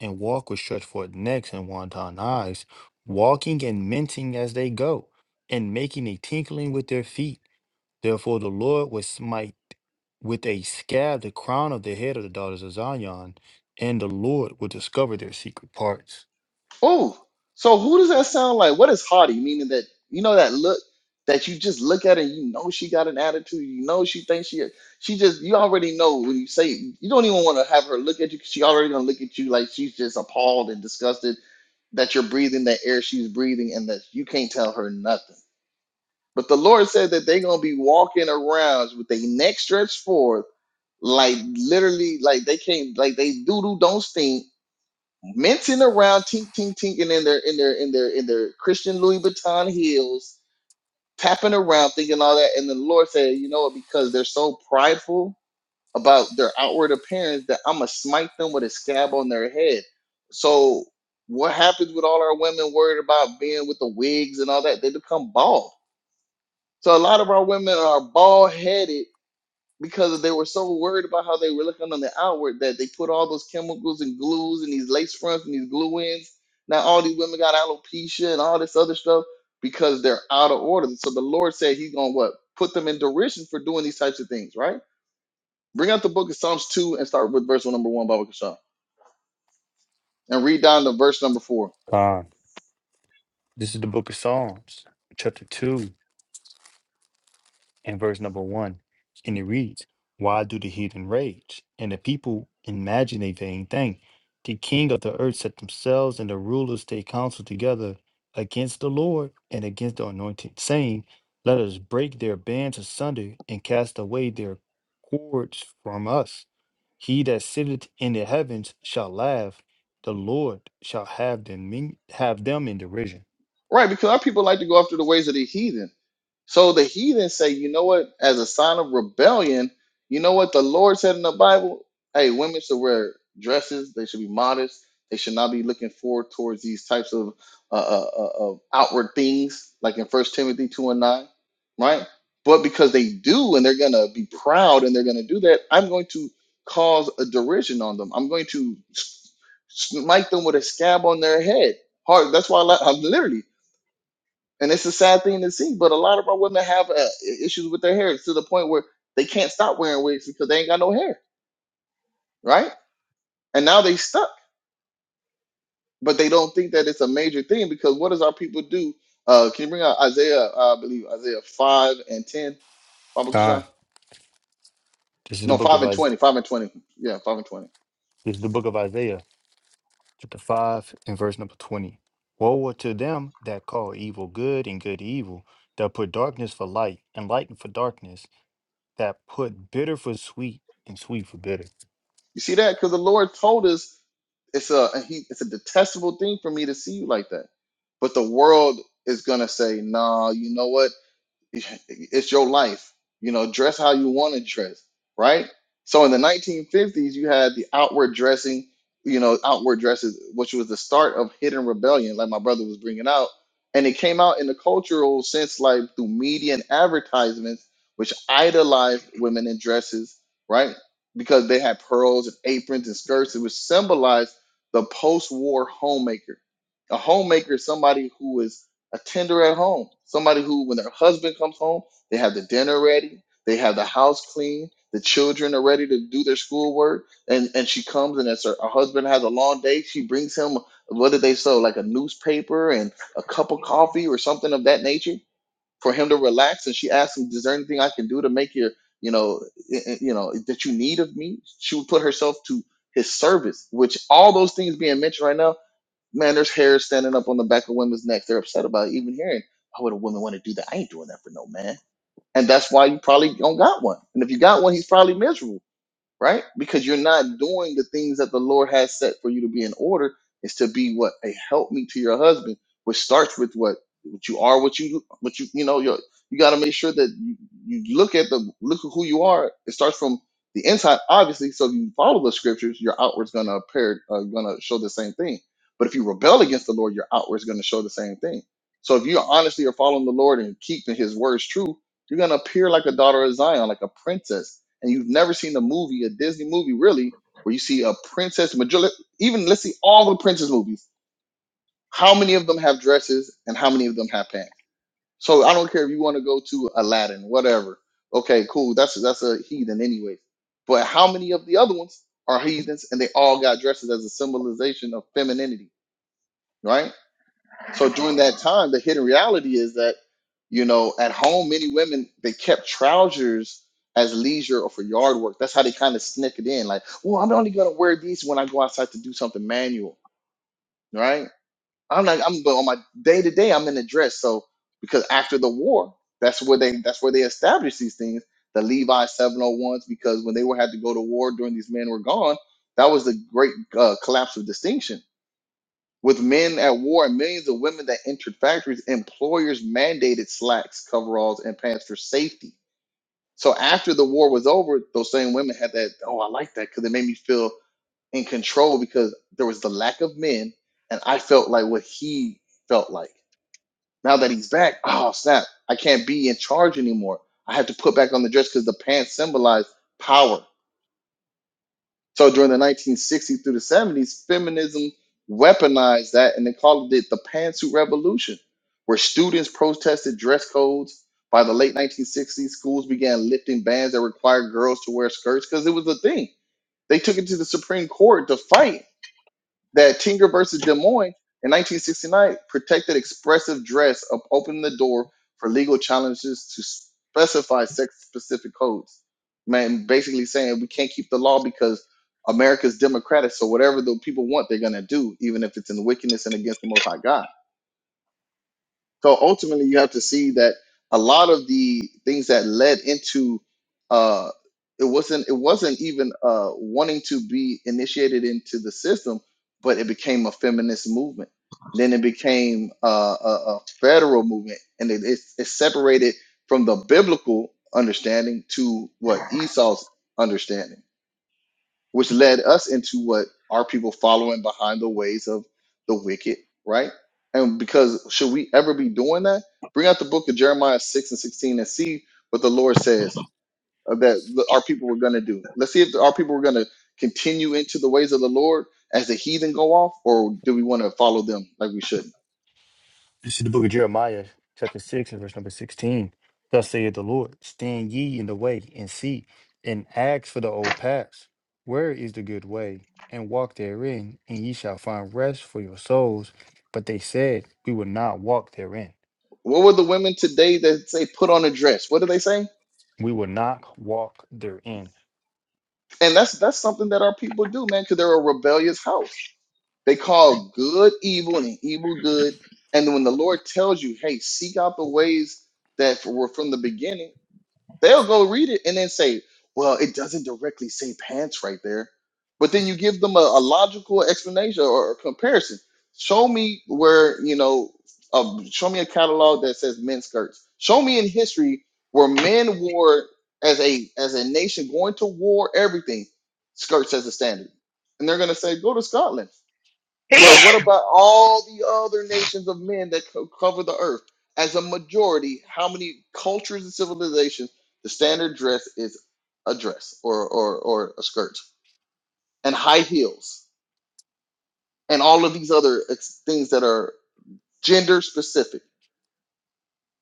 Speaker 4: and walk with stretched forth necks and wanton eyes, walking and minting as they go, and making a tinkling with their feet. Therefore the Lord will smite with a scab the crown of the head of the daughters of Zion, and the Lord will discover their secret parts.
Speaker 1: Oh, so who does that sound like? What is haughty? Meaning that you know that look that you just look at and you know she got an attitude. You know she thinks she she just you already know when you say you don't even want to have her look at you because she already gonna look at you like she's just appalled and disgusted that you're breathing that air she's breathing and that you can't tell her nothing. But the Lord said that they're gonna be walking around with their neck stretched forth, like literally like they can't like they doodle don't stink mincing around, tink, tink, tinking in their in their in their in their Christian Louis Vuitton heels, tapping around, thinking all that. And the Lord said, you know what? Because they're so prideful about their outward appearance, that I'm gonna smite them with a scab on their head. So what happens with all our women worried about being with the wigs and all that? They become bald. So a lot of our women are bald headed because they were so worried about how they were looking on the outward that they put all those chemicals and glues and these lace fronts and these glue ins. Now all these women got alopecia and all this other stuff because they're out of order. So the Lord said He's gonna what put them in derision for doing these types of things, right? Bring out the book of Psalms two and start with verse number one, Baba Kashan, and read down to verse number four.
Speaker 4: Ah, This is the book of Psalms, chapter 2. in verse number one, and it reads, Why do the heathen rage? And the people imagine a vain thing. The king of the earth set themselves and the rulers take counsel together against the Lord and against the anointed, saying, Let us break their bands asunder and cast away their cords from us. He that sitteth in the heavens shall laugh, the Lord shall have them, in, have them in derision.
Speaker 1: Right, because our people like to go after the ways of the heathen. So the heathen say, you know what, as a sign of rebellion, you know what the Lord said in the Bible? Hey, women should wear dresses, they should be modest, they should not be looking forward towards these types of, uh, uh, uh, of outward things, like in First Timothy 2 and 9, right? But because they do and they're going to be proud and they're going to do that, I'm going to cause a derision on them. I'm going to s- smite them with a scab on their head. Hard. That's why I, li- I'm literally and it's a sad thing to see. But a lot of our women have uh, i- issues with their hair to the point where they can't stop wearing wigs because they ain't got no hair, right? And now they stuck, but they don't think that it's a major thing because what does our people do? Uh, can you bring out Isaiah? uh, I believe Isaiah five and ten, Baba
Speaker 4: God.
Speaker 1: Kasha?
Speaker 4: This is the
Speaker 1: No,
Speaker 4: book
Speaker 1: five
Speaker 4: of
Speaker 1: and
Speaker 4: Isaiah.
Speaker 1: twenty. Five and twenty. Yeah, five and twenty.
Speaker 4: This is the book of Isaiah chapter 5 and verse number 20. Woe unto them that call evil good and good evil, that put darkness for light and light for darkness, that put bitter for sweet and sweet for bitter.
Speaker 1: You see that? Because the Lord told us it's a he, it's a detestable thing for me to see you like that. But the world is gonna say, nah, you know what? it's your life. You know, dress how you want to dress, right? So in the 1950s, you had the outward dressing, you know, outward dresses, which was the start of hidden rebellion, like my brother was bringing out. And it came out in the cultural sense, like through media and advertisements, which idolized women in dresses, right? Because they had pearls and aprons and skirts. It was symbolized the post war homemaker. A homemaker is somebody who is a tender at home. Somebody who, when their husband comes home, they have the dinner ready, they have the house clean, the children are ready to do their schoolwork, and and she comes and as her, her husband has a long day, she brings him what did they sell like a newspaper and a cup of coffee or something of that nature for him to relax. And she asks him, "Is there anything I can do to make your you know i- i- you know that you need of me?" She would put herself to his service, which all those things being mentioned right now Man, there's hair standing up on the back of women's necks. They're upset about even hearing, why would a woman want to do that? I ain't doing that for no man. And that's why you probably don't got one. And if you got one, he's probably miserable right? Because you're not doing the things that the Lord has set for you to be in order is to be what a helpmeet to your husband, which starts with what what you are, what you what you you know you you got to make sure that you, you look at the look at who you are. It starts from the inside, obviously. So if you follow the scriptures, your outward's gonna appear uh, gonna show the same thing. But if you rebel against the Lord, your outward's gonna show the same thing. So if you honestly are following the Lord and keeping His words true, you're gonna appear like a daughter of Zion, like a princess and you've never seen a movie, a Disney movie, really, where you see a princess majority, even let's see all the princess movies. How many of them have dresses and how many of them have pants? So I don't care if you want to go to Aladdin, whatever. Okay, cool. That's that's a heathen anyway. But how many of the other ones are heathens and they all got dresses as a symbolization of femininity, right? So during that time, the hidden reality is that, you know, at home, many women they kept trousers as leisure or for yard work. That's how they kind of sneak it in. Like, well, I'm only gonna wear these when I go outside to do something manual, right? I'm not. I'm but on my day to day, I'm in a dress. So because after the war, that's where they that's where they established these things. The Levi 701s, because when they were had to go to war during these men were gone, that was the great uh, collapse of distinction with men at war and millions of women that entered factories, employers mandated slacks, coveralls, and pants for safety. So after the war was over, those same women had that, oh, I like that because it made me feel in control because there was the lack of men and I felt like what he felt like. Now that he's back, oh, snap, I can't be in charge anymore. I have to put back on the dress because the pants symbolize power. So during the 1960s through the 70s, feminism weaponized that and they called it the pantsuit revolution, where students protested dress codes. By the late 1960s, schools began lifting bans that required girls to wear skirts because it was a thing. They took it to the Supreme Court to fight that Tinker versus Des Moines in 1969 protected expressive dress up opening the door for legal challenges to specify sex-specific codes. Man, basically saying we can't keep the law because America's democratic, so whatever the people want, they're gonna do, even if it's in wickedness and against the Most High God. So ultimately, you have to see that a lot of the things that led into uh, it wasn't it wasn't even uh, wanting to be initiated into the system, but it became a feminist movement. And then it became uh, a, a federal movement, and it, it's it's separated from the biblical understanding to what Esau's understanding which led us into what our people following behind the ways of the wicked, right? And because should we ever be doing that? Bring out the book of Jeremiah 6 and 16 and see what the Lord says uh, that the- our people were going to do. Let's see if our people were going to continue into the ways of the Lord as the heathen go off, or do we want to follow them like we should?
Speaker 4: This is the book of Jeremiah, chapter 6 and verse number 16. Thus saith the Lord, stand ye in the way and see, and ask for the old paths. Where is the good way? And walk therein, and ye shall find rest for your souls. But they said, We will not walk therein.
Speaker 1: What were the women today that say, put on a dress? What do they say?
Speaker 4: We will not walk therein.
Speaker 1: And that's that's something that our people do, man, because they're a rebellious house. They call good evil and evil good. And when the Lord tells you, hey, seek out the ways that were from the beginning, They'll go read it and then say, well, it doesn't directly say pants right there. But then you give them a, a logical explanation or a comparison. Show me where, you know, uh, show me a catalog that says men's skirts. Show me in history where men wore as a as a nation going to war, everything, skirts as a standard. And they're gonna say, go to Scotland. But what about all the other nations of men that co- cover the earth? As a majority, how many cultures and civilizations the standard dress is a dress or or, or a skirt and high heels and all of these other ex- things that are gender specific.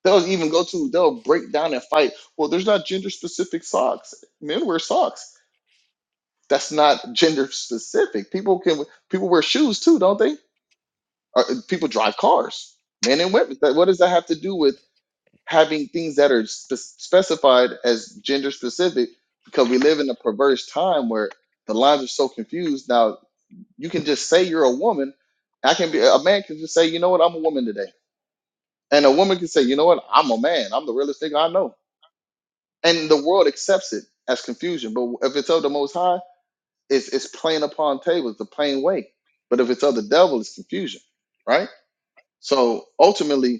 Speaker 1: They'll even go to they'll break down and fight. Well, there's not gender specific socks. Men wear socks. That's not gender specific. People can people wear shoes too, don't they? Or uh, people drive cars, men and women. That- What does that have to do with? having things that are spe- specified as gender specific because we live in a perverse time where the lines are so confused. Now you can just say you're a woman. I can be a man can just say, you know what, I'm a woman today, and a woman can say, you know what, I'm a man. I'm the realest thing I know, and the world accepts it as confusion. But if it's of the Most High, it's it's plain upon tables, the plain way. But if it's of the devil, it's confusion, right? So ultimately,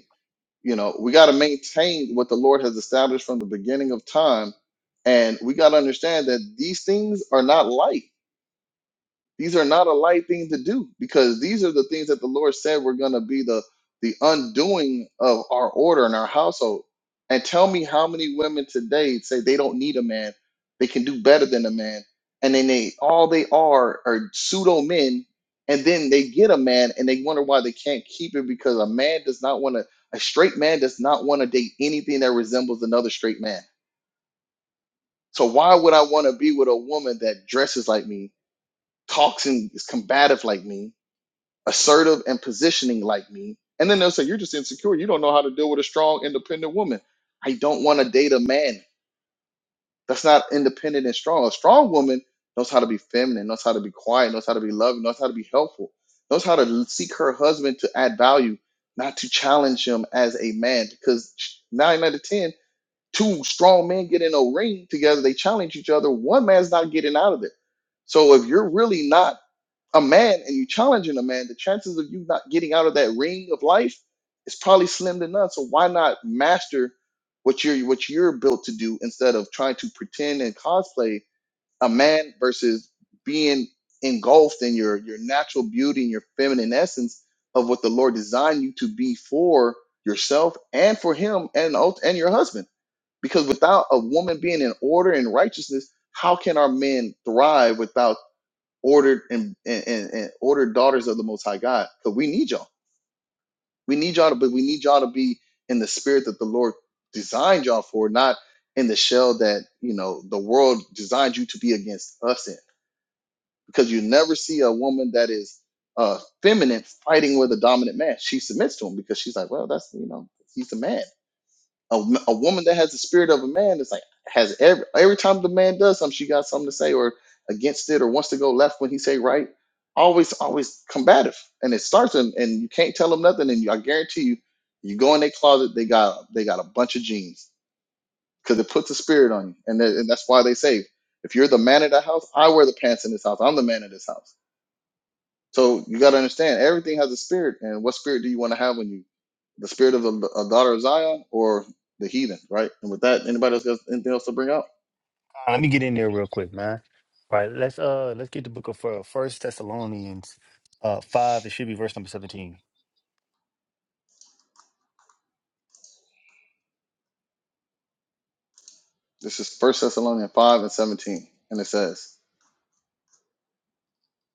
Speaker 1: You know, we got to maintain what the Lord has established from the beginning of time. And we got to understand that these things are not light. These are not a light thing to do because these are the things that the Lord said were going to be the the undoing of our order in our household. And tell me how many women today say they don't need a man, they can do better than a man, and then they all they are are pseudo men, and then they get a man and they wonder why they can't keep it because a man does not want to a straight man does not want to date anything that resembles another straight man. So why would I want to be with a woman that dresses like me, talks and is combative like me? assertive and positioning like me. And then they'll say, You're just insecure. You don't know how to deal with a strong, independent woman. I don't want to date a man that's not independent and strong. A strong woman knows how to be feminine, knows how to be quiet, knows how to be loving, knows how to be helpful, knows how to seek her husband to add value, not to challenge him as a man. Because nine out of ten, two strong men get in a ring together, they challenge each other. One man's not getting out of it. So if you're really not a man and you challenging a man, the chances of you not getting out of that ring of life is probably slim to none. So why not master what you're what you're built to do instead of trying to pretend and cosplay a man versus being engulfed in your your natural beauty and your feminine essence of what the Lord designed you to be for yourself and for him and ult- and your husband. Because without a woman being in order and righteousness, how can our men thrive without? ordered and, and, and, and ordered daughters of the most high God. Because we need y'all. We need y'all to but we need y'all to be in the spirit that the Lord designed y'all for, not in the shell that you know the world designed you to be against us in. Because you never see a woman that is uh feminine fighting with a dominant man. She submits to him because she's like, well, that's you know, he's a man. A a woman that has the spirit of a man is like has every every time the man does something she got something to say or against it or wants to go left when he say right always always combative and it starts and, and you can't tell them nothing and you, i guarantee you you go in their closet they got they got a bunch of jeans because it puts a spirit on you and, that- and that's why they say if you're the man of the house i wear the pants in this house i'm the man of this house so you got to understand, everything has a spirit, and what spirit do you want to have when you? The spirit of the a daughter of Zion or the heathen, right? And with that, anybody else got anything else to bring up?
Speaker 4: Uh, Let me get in there real quick, man. All right, let's uh let's get the book of uh, First Thessalonians uh five. It should be verse number seventeen.
Speaker 1: This is First Thessalonians five and seventeen, and it says,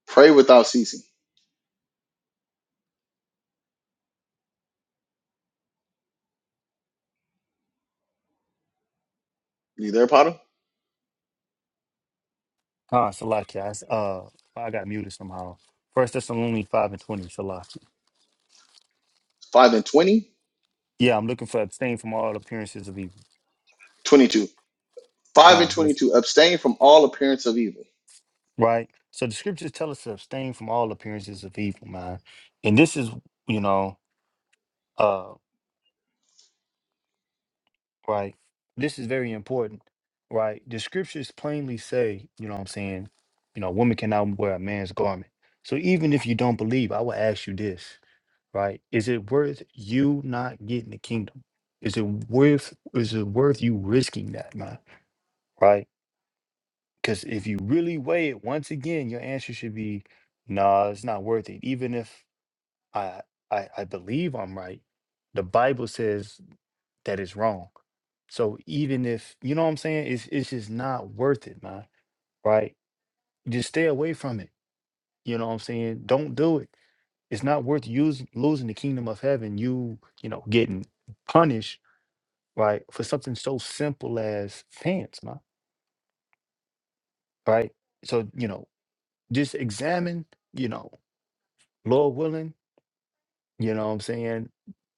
Speaker 1: "Pray without ceasing." You there, Potter?
Speaker 4: Huh, Salakia. It's, Uh I got muted somehow. First Thessalonians five and twenty, Salakia.
Speaker 1: Five and twenty,
Speaker 4: Yeah, I'm looking for abstain from all appearances of evil.
Speaker 1: twenty-two. Five and
Speaker 4: Con, let's,
Speaker 1: twenty-two. Abstain from all appearance of evil.
Speaker 4: right? So the scriptures tell us to abstain from all appearances of evil, man. And this is, you know, uh, right? This is very important, right? The scriptures plainly say, you know what I'm saying, you know, a woman cannot wear a man's garment. So even if you don't believe, I will ask you this, right? Is it worth you not getting the kingdom? Is it worth is it worth you risking that, man? Right? Because if you really weigh it, once again, your answer should be, nah, it's not worth it. Even if I I, I believe I'm right, the Bible says that is wrong. So even if you know what I'm saying, it's it's just not worth it, man. Right? Just stay away from it. You know what I'm saying? Don't do it. It's not worth using losing the kingdom of heaven. You you know getting punished right for something so simple as pants, man. Right? So you know just examine. You know, Lord willing You know what I'm saying?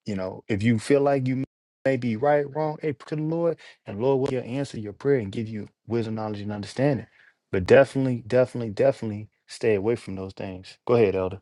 Speaker 4: You know, if you feel like you may be right, wrong, hey, pray to the Lord, and Lord will answer your prayer and give you wisdom, knowledge, and understanding. But definitely, definitely, definitely stay away from those things. Go ahead, Elder.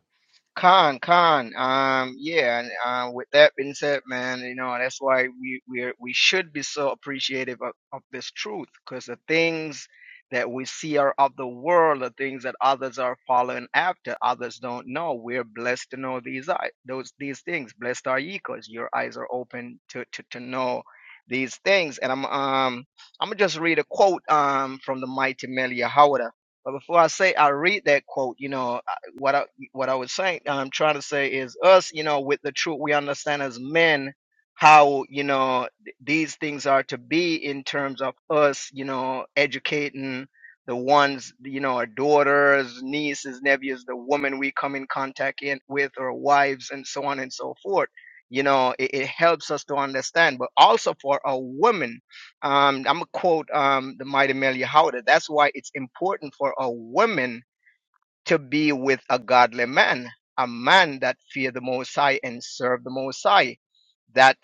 Speaker 2: Con, con. Um, yeah, and uh, with that being said, man, you know that's why we we we should be so appreciative of, of this truth, because the things that we see are of the world, the things that others are following after, others don't know. We're blessed to know these i- those these things. Blessed are ye, because your eyes are open to to to know these things. And I'm um I'm gonna just read a quote um from the mighty Melia Howard. But before I say I read that quote, you know, what what I was saying, I'm trying to say is us, you know, with the truth, we understand as men how, you know, th- these things are to be in terms of us, you know, educating the ones, you know, our daughters, nieces, nephews, the women we come in contact in, with, or wives, and so on and so forth. You know, it, it helps us to understand, but also for a woman, um, I'm gonna quote um, the mighty Melia Howder. That's why it's important for a woman to be with a godly man, a man that fear the Most High and serve the Most High, that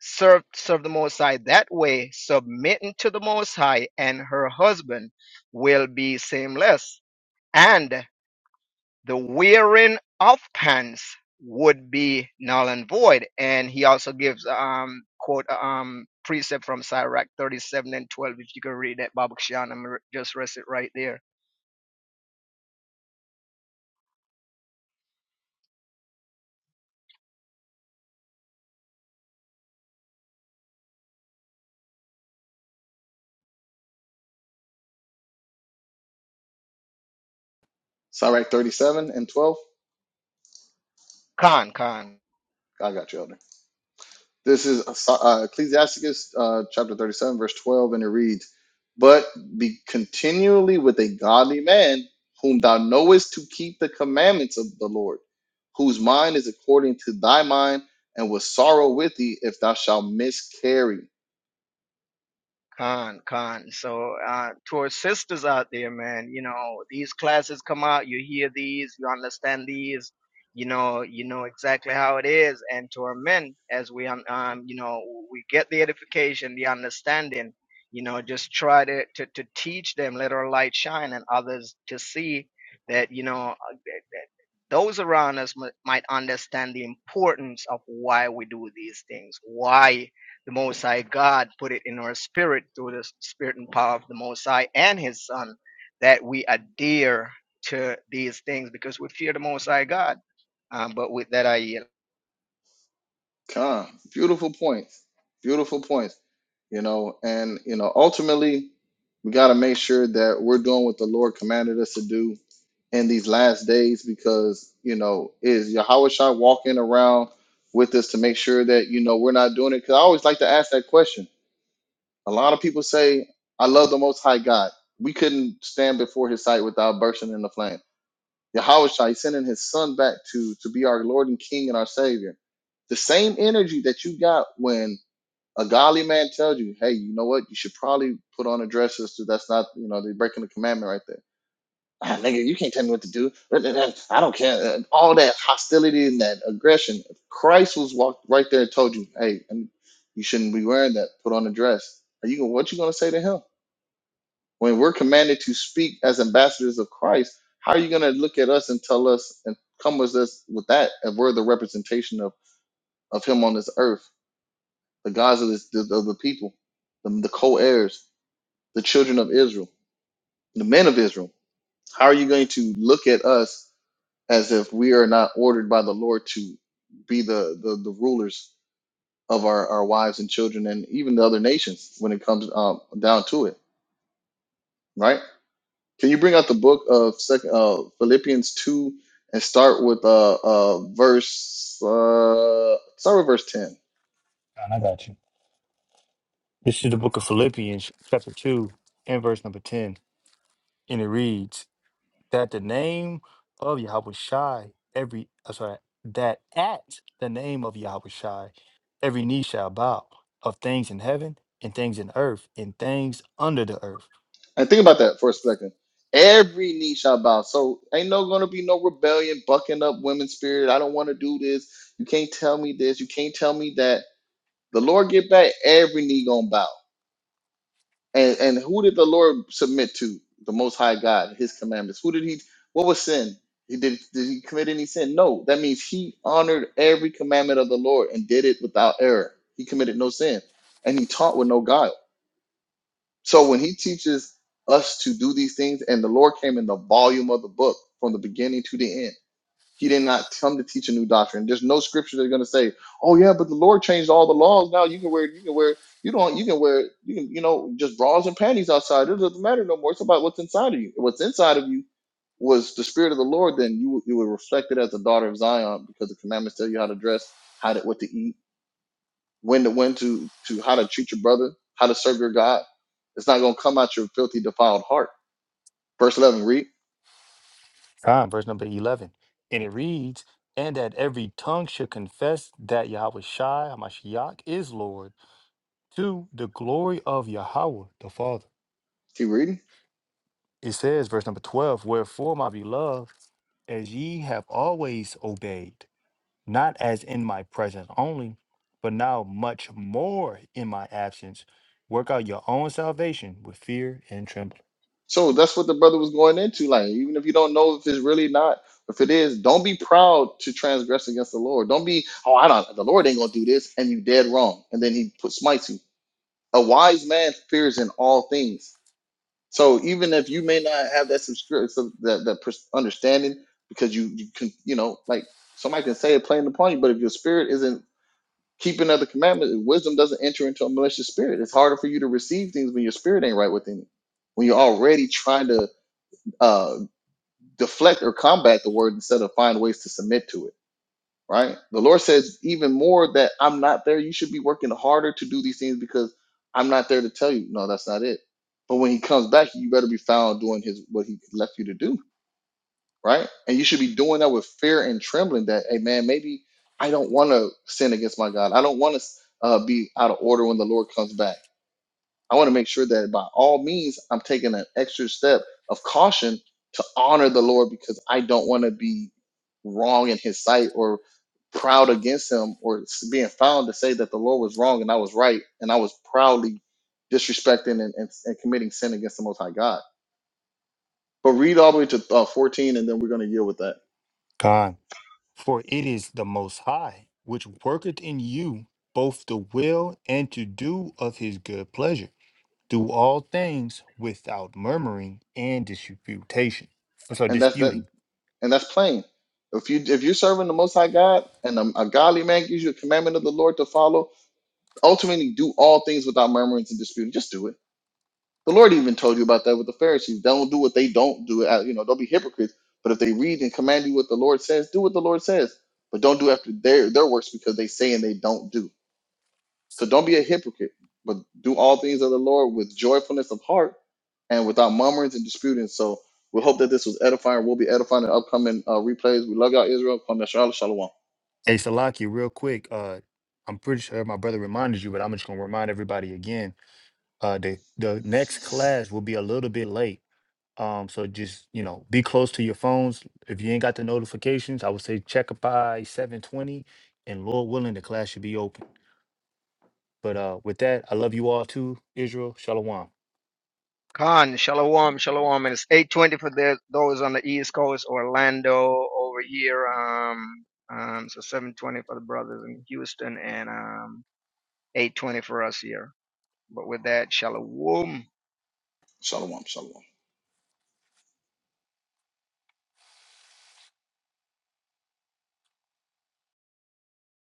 Speaker 2: serve serve the Most High that way, submitting to the Most High, and her husband will be seamless, and the wearing of pants would be null and void. And he also gives um quote um precept from Sirach 37 and 12 if you can read that Babak Shan, I'm re- just rest it right there.
Speaker 1: Sirach thirty-seven and twelve.
Speaker 2: Khan, Khan.
Speaker 1: I got you, Elder. This is uh, uh, Ecclesiasticus uh, chapter 37, verse 12, and it reads, But be continually with a godly man whom thou knowest to keep the commandments of the Lord, whose mind is according to thy mind, and will sorrow with thee if thou shalt miscarry.
Speaker 2: Con, con. So, uh, to our sisters out there, man, you know, these classes come out, you hear these, you understand these, you know, you know exactly how it is. And to our men, as we, um, um, you know, we get the edification, the understanding, you know, just try to, to, to teach them, let our light shine and others to see that, you know, uh, that- that those around us mi- might understand the importance of why we do these things, why the Most High God put it in our spirit through the spirit and power of the Most High and His Son that we adhere to these things because we fear the Most High God. Um, but with that, I yield.
Speaker 1: Come, beautiful points, beautiful points, you know, and you know, ultimately. We got to make sure that we're doing what the Lord commanded us to do in these last days because, you know, is Yahweh Shai walking around with us to make sure that, you know, we're not doing it? Because I always like to ask that question. A lot of people say, I love the Most High God. We couldn't stand before his sight without bursting in the flame. Yahweh Shai sending his son back to, to be our Lord and King and our Savior. The same energy that you got when a godly man tells you, hey, you know what? You should probably put on a dress sister. That's not, you know, they're breaking the commandment right there. Ah, nigga, you can't tell me what to do. I don't care. Uh, All that hostility and that aggression. If Christ was walked right there and told you, hey, you shouldn't be wearing that. Put on a dress. Are you what you gonna say to him? When we're commanded to speak as ambassadors of Christ, how are you gonna look at us and tell us and come with us with that if we're the representation of of him on this earth, the gods of this of the people, the, the co-heirs? the children of Israel, the men of Israel. How are you going to look at us as if we are not ordered by the Lord to be the, the, the rulers of our, our wives and children and even the other nations when it comes um, down to it, right? Can you bring out the book of second, uh, Philippians 2 and start with uh, uh, verse, uh, start with verse 10.
Speaker 4: And I got you. This is the book of Philippians, chapter 2, and verse number 10. And it reads, that the name of Yahweh Shai, every I'm sorry, that at the name of Yahweh Shai, every knee shall bow of things in heaven and things in earth and things under the earth.
Speaker 1: And think about that for a second. Every knee shall bow. So ain't no gonna be no rebellion, bucking up women's spirit. I don't want to do this. You can't tell me this. You can't tell me that. The Lord get back. Every knee gonna bow. And and who did the Lord submit to? The Most High God, His commandments. Who did He? What was sin? He did. Did He commit any sin? No. That means He honored every commandment of the Lord and did it without error. He committed no sin, and He taught with no guile. So when he teaches us to do these things, and the Lord came in the volume of the book from the beginning to the end, he did not come to teach a new doctrine. There's no scripture that's going to say, "Oh yeah, but the Lord changed all the laws. Now you can wear, you can wear, you don't, you can wear, you can, you know, just bras and panties outside. It doesn't matter no more. It's about what's inside of you. What's inside of you was the spirit of the Lord. Then you you were reflected as a daughter of Zion because the commandments tell you how to dress, how to what to eat." when to when to to how to treat your brother, how to serve your God. It's not gonna come out your filthy, defiled heart. Verse eleven, read.
Speaker 4: Time, verse number eleven. And it reads, and that every tongue should confess that Yahweh Shai Hamashiach is Lord to the glory of Yahweh the Father.
Speaker 1: Keep reading.
Speaker 4: It says, verse number 12, Wherefore, my beloved, as ye have always obeyed. not as in my presence only, but now much more in my absence. Work out your own salvation with fear and trembling.
Speaker 1: So that's what the brother was going into. Like, even if you don't know if it's really not, if it is, don't be proud to transgress against the Lord. Don't be, oh, I don't the Lord ain't gonna do this, and you dead wrong. And then he put smites you. A wise man fears in all things. So even if you may not have that subscription, that, that pers- understanding, because you you can, you know, like somebody can say it plain upon you, but if your spirit isn't Keeping other commandments, wisdom doesn't enter into a malicious spirit. It's harder for you to receive things when your spirit ain't right within you. When you're already trying to uh, deflect or combat the word instead of find ways to submit to it, right? The Lord says even more that I'm not there. You should be working harder to do these things because I'm not there to tell you. No, that's not it. But when He comes back, you better be found doing His what He left you to do right? And you should be doing that with fear and trembling that, hey, man, maybe I don't want to sin against my God. I don't want to uh, be out of order when the Lord comes back. I want to make sure that by all means, I'm taking an extra step of caution to honor the Lord because I don't want to be wrong in his sight or proud against him or s- being found to say that the Lord was wrong and I was right and I was proudly disrespecting and, and, and committing sin against the Most High God. But read all the way to uh, 14 and then we're going to deal with that.
Speaker 4: God, for it is the Most High which worketh in you both the will and to do of his good pleasure. Do all things without murmuring and disputation. I'm sorry,
Speaker 1: and that's that
Speaker 4: disputing.
Speaker 1: and that's plain if you if you're serving the most high god and a, a godly man gives you a commandment of the lord to follow ultimately do all things without murmurings and disputing just do it the lord even told you about that with the pharisees don't do what they don't do Uh, you know don't be hypocrites but if they read and command you what the lord says do what the lord says but don't do after their their works because they say and they don't do So don't be a hypocrite, but do all things of the Lord with joyfulness of heart and without murmurings and disputing. So we hope that this was edifying. We'll be edifying in upcoming uh, replays. We love y'all, Israel. Come Shalom. Shalom.
Speaker 4: Hey, Salaki, real quick. Uh, I'm pretty sure my brother reminded you, but I'm just gonna remind everybody again. Uh, the the next class will be a little bit late. Um, so just you know, be close to your phones. If you ain't got the notifications, I would say check it by seven twenty, and Lord willing, the class should be open. But uh, with that, I love you all too, Israel. Shalom.
Speaker 2: Khan, shalom, shalom, and it's 8:20 for the, those on the East Coast, Orlando over here. Um, um, so 7:20 for the brothers in Houston, and um, 8:20 for us here. But with that, shalom.
Speaker 1: Shalom. Shalom.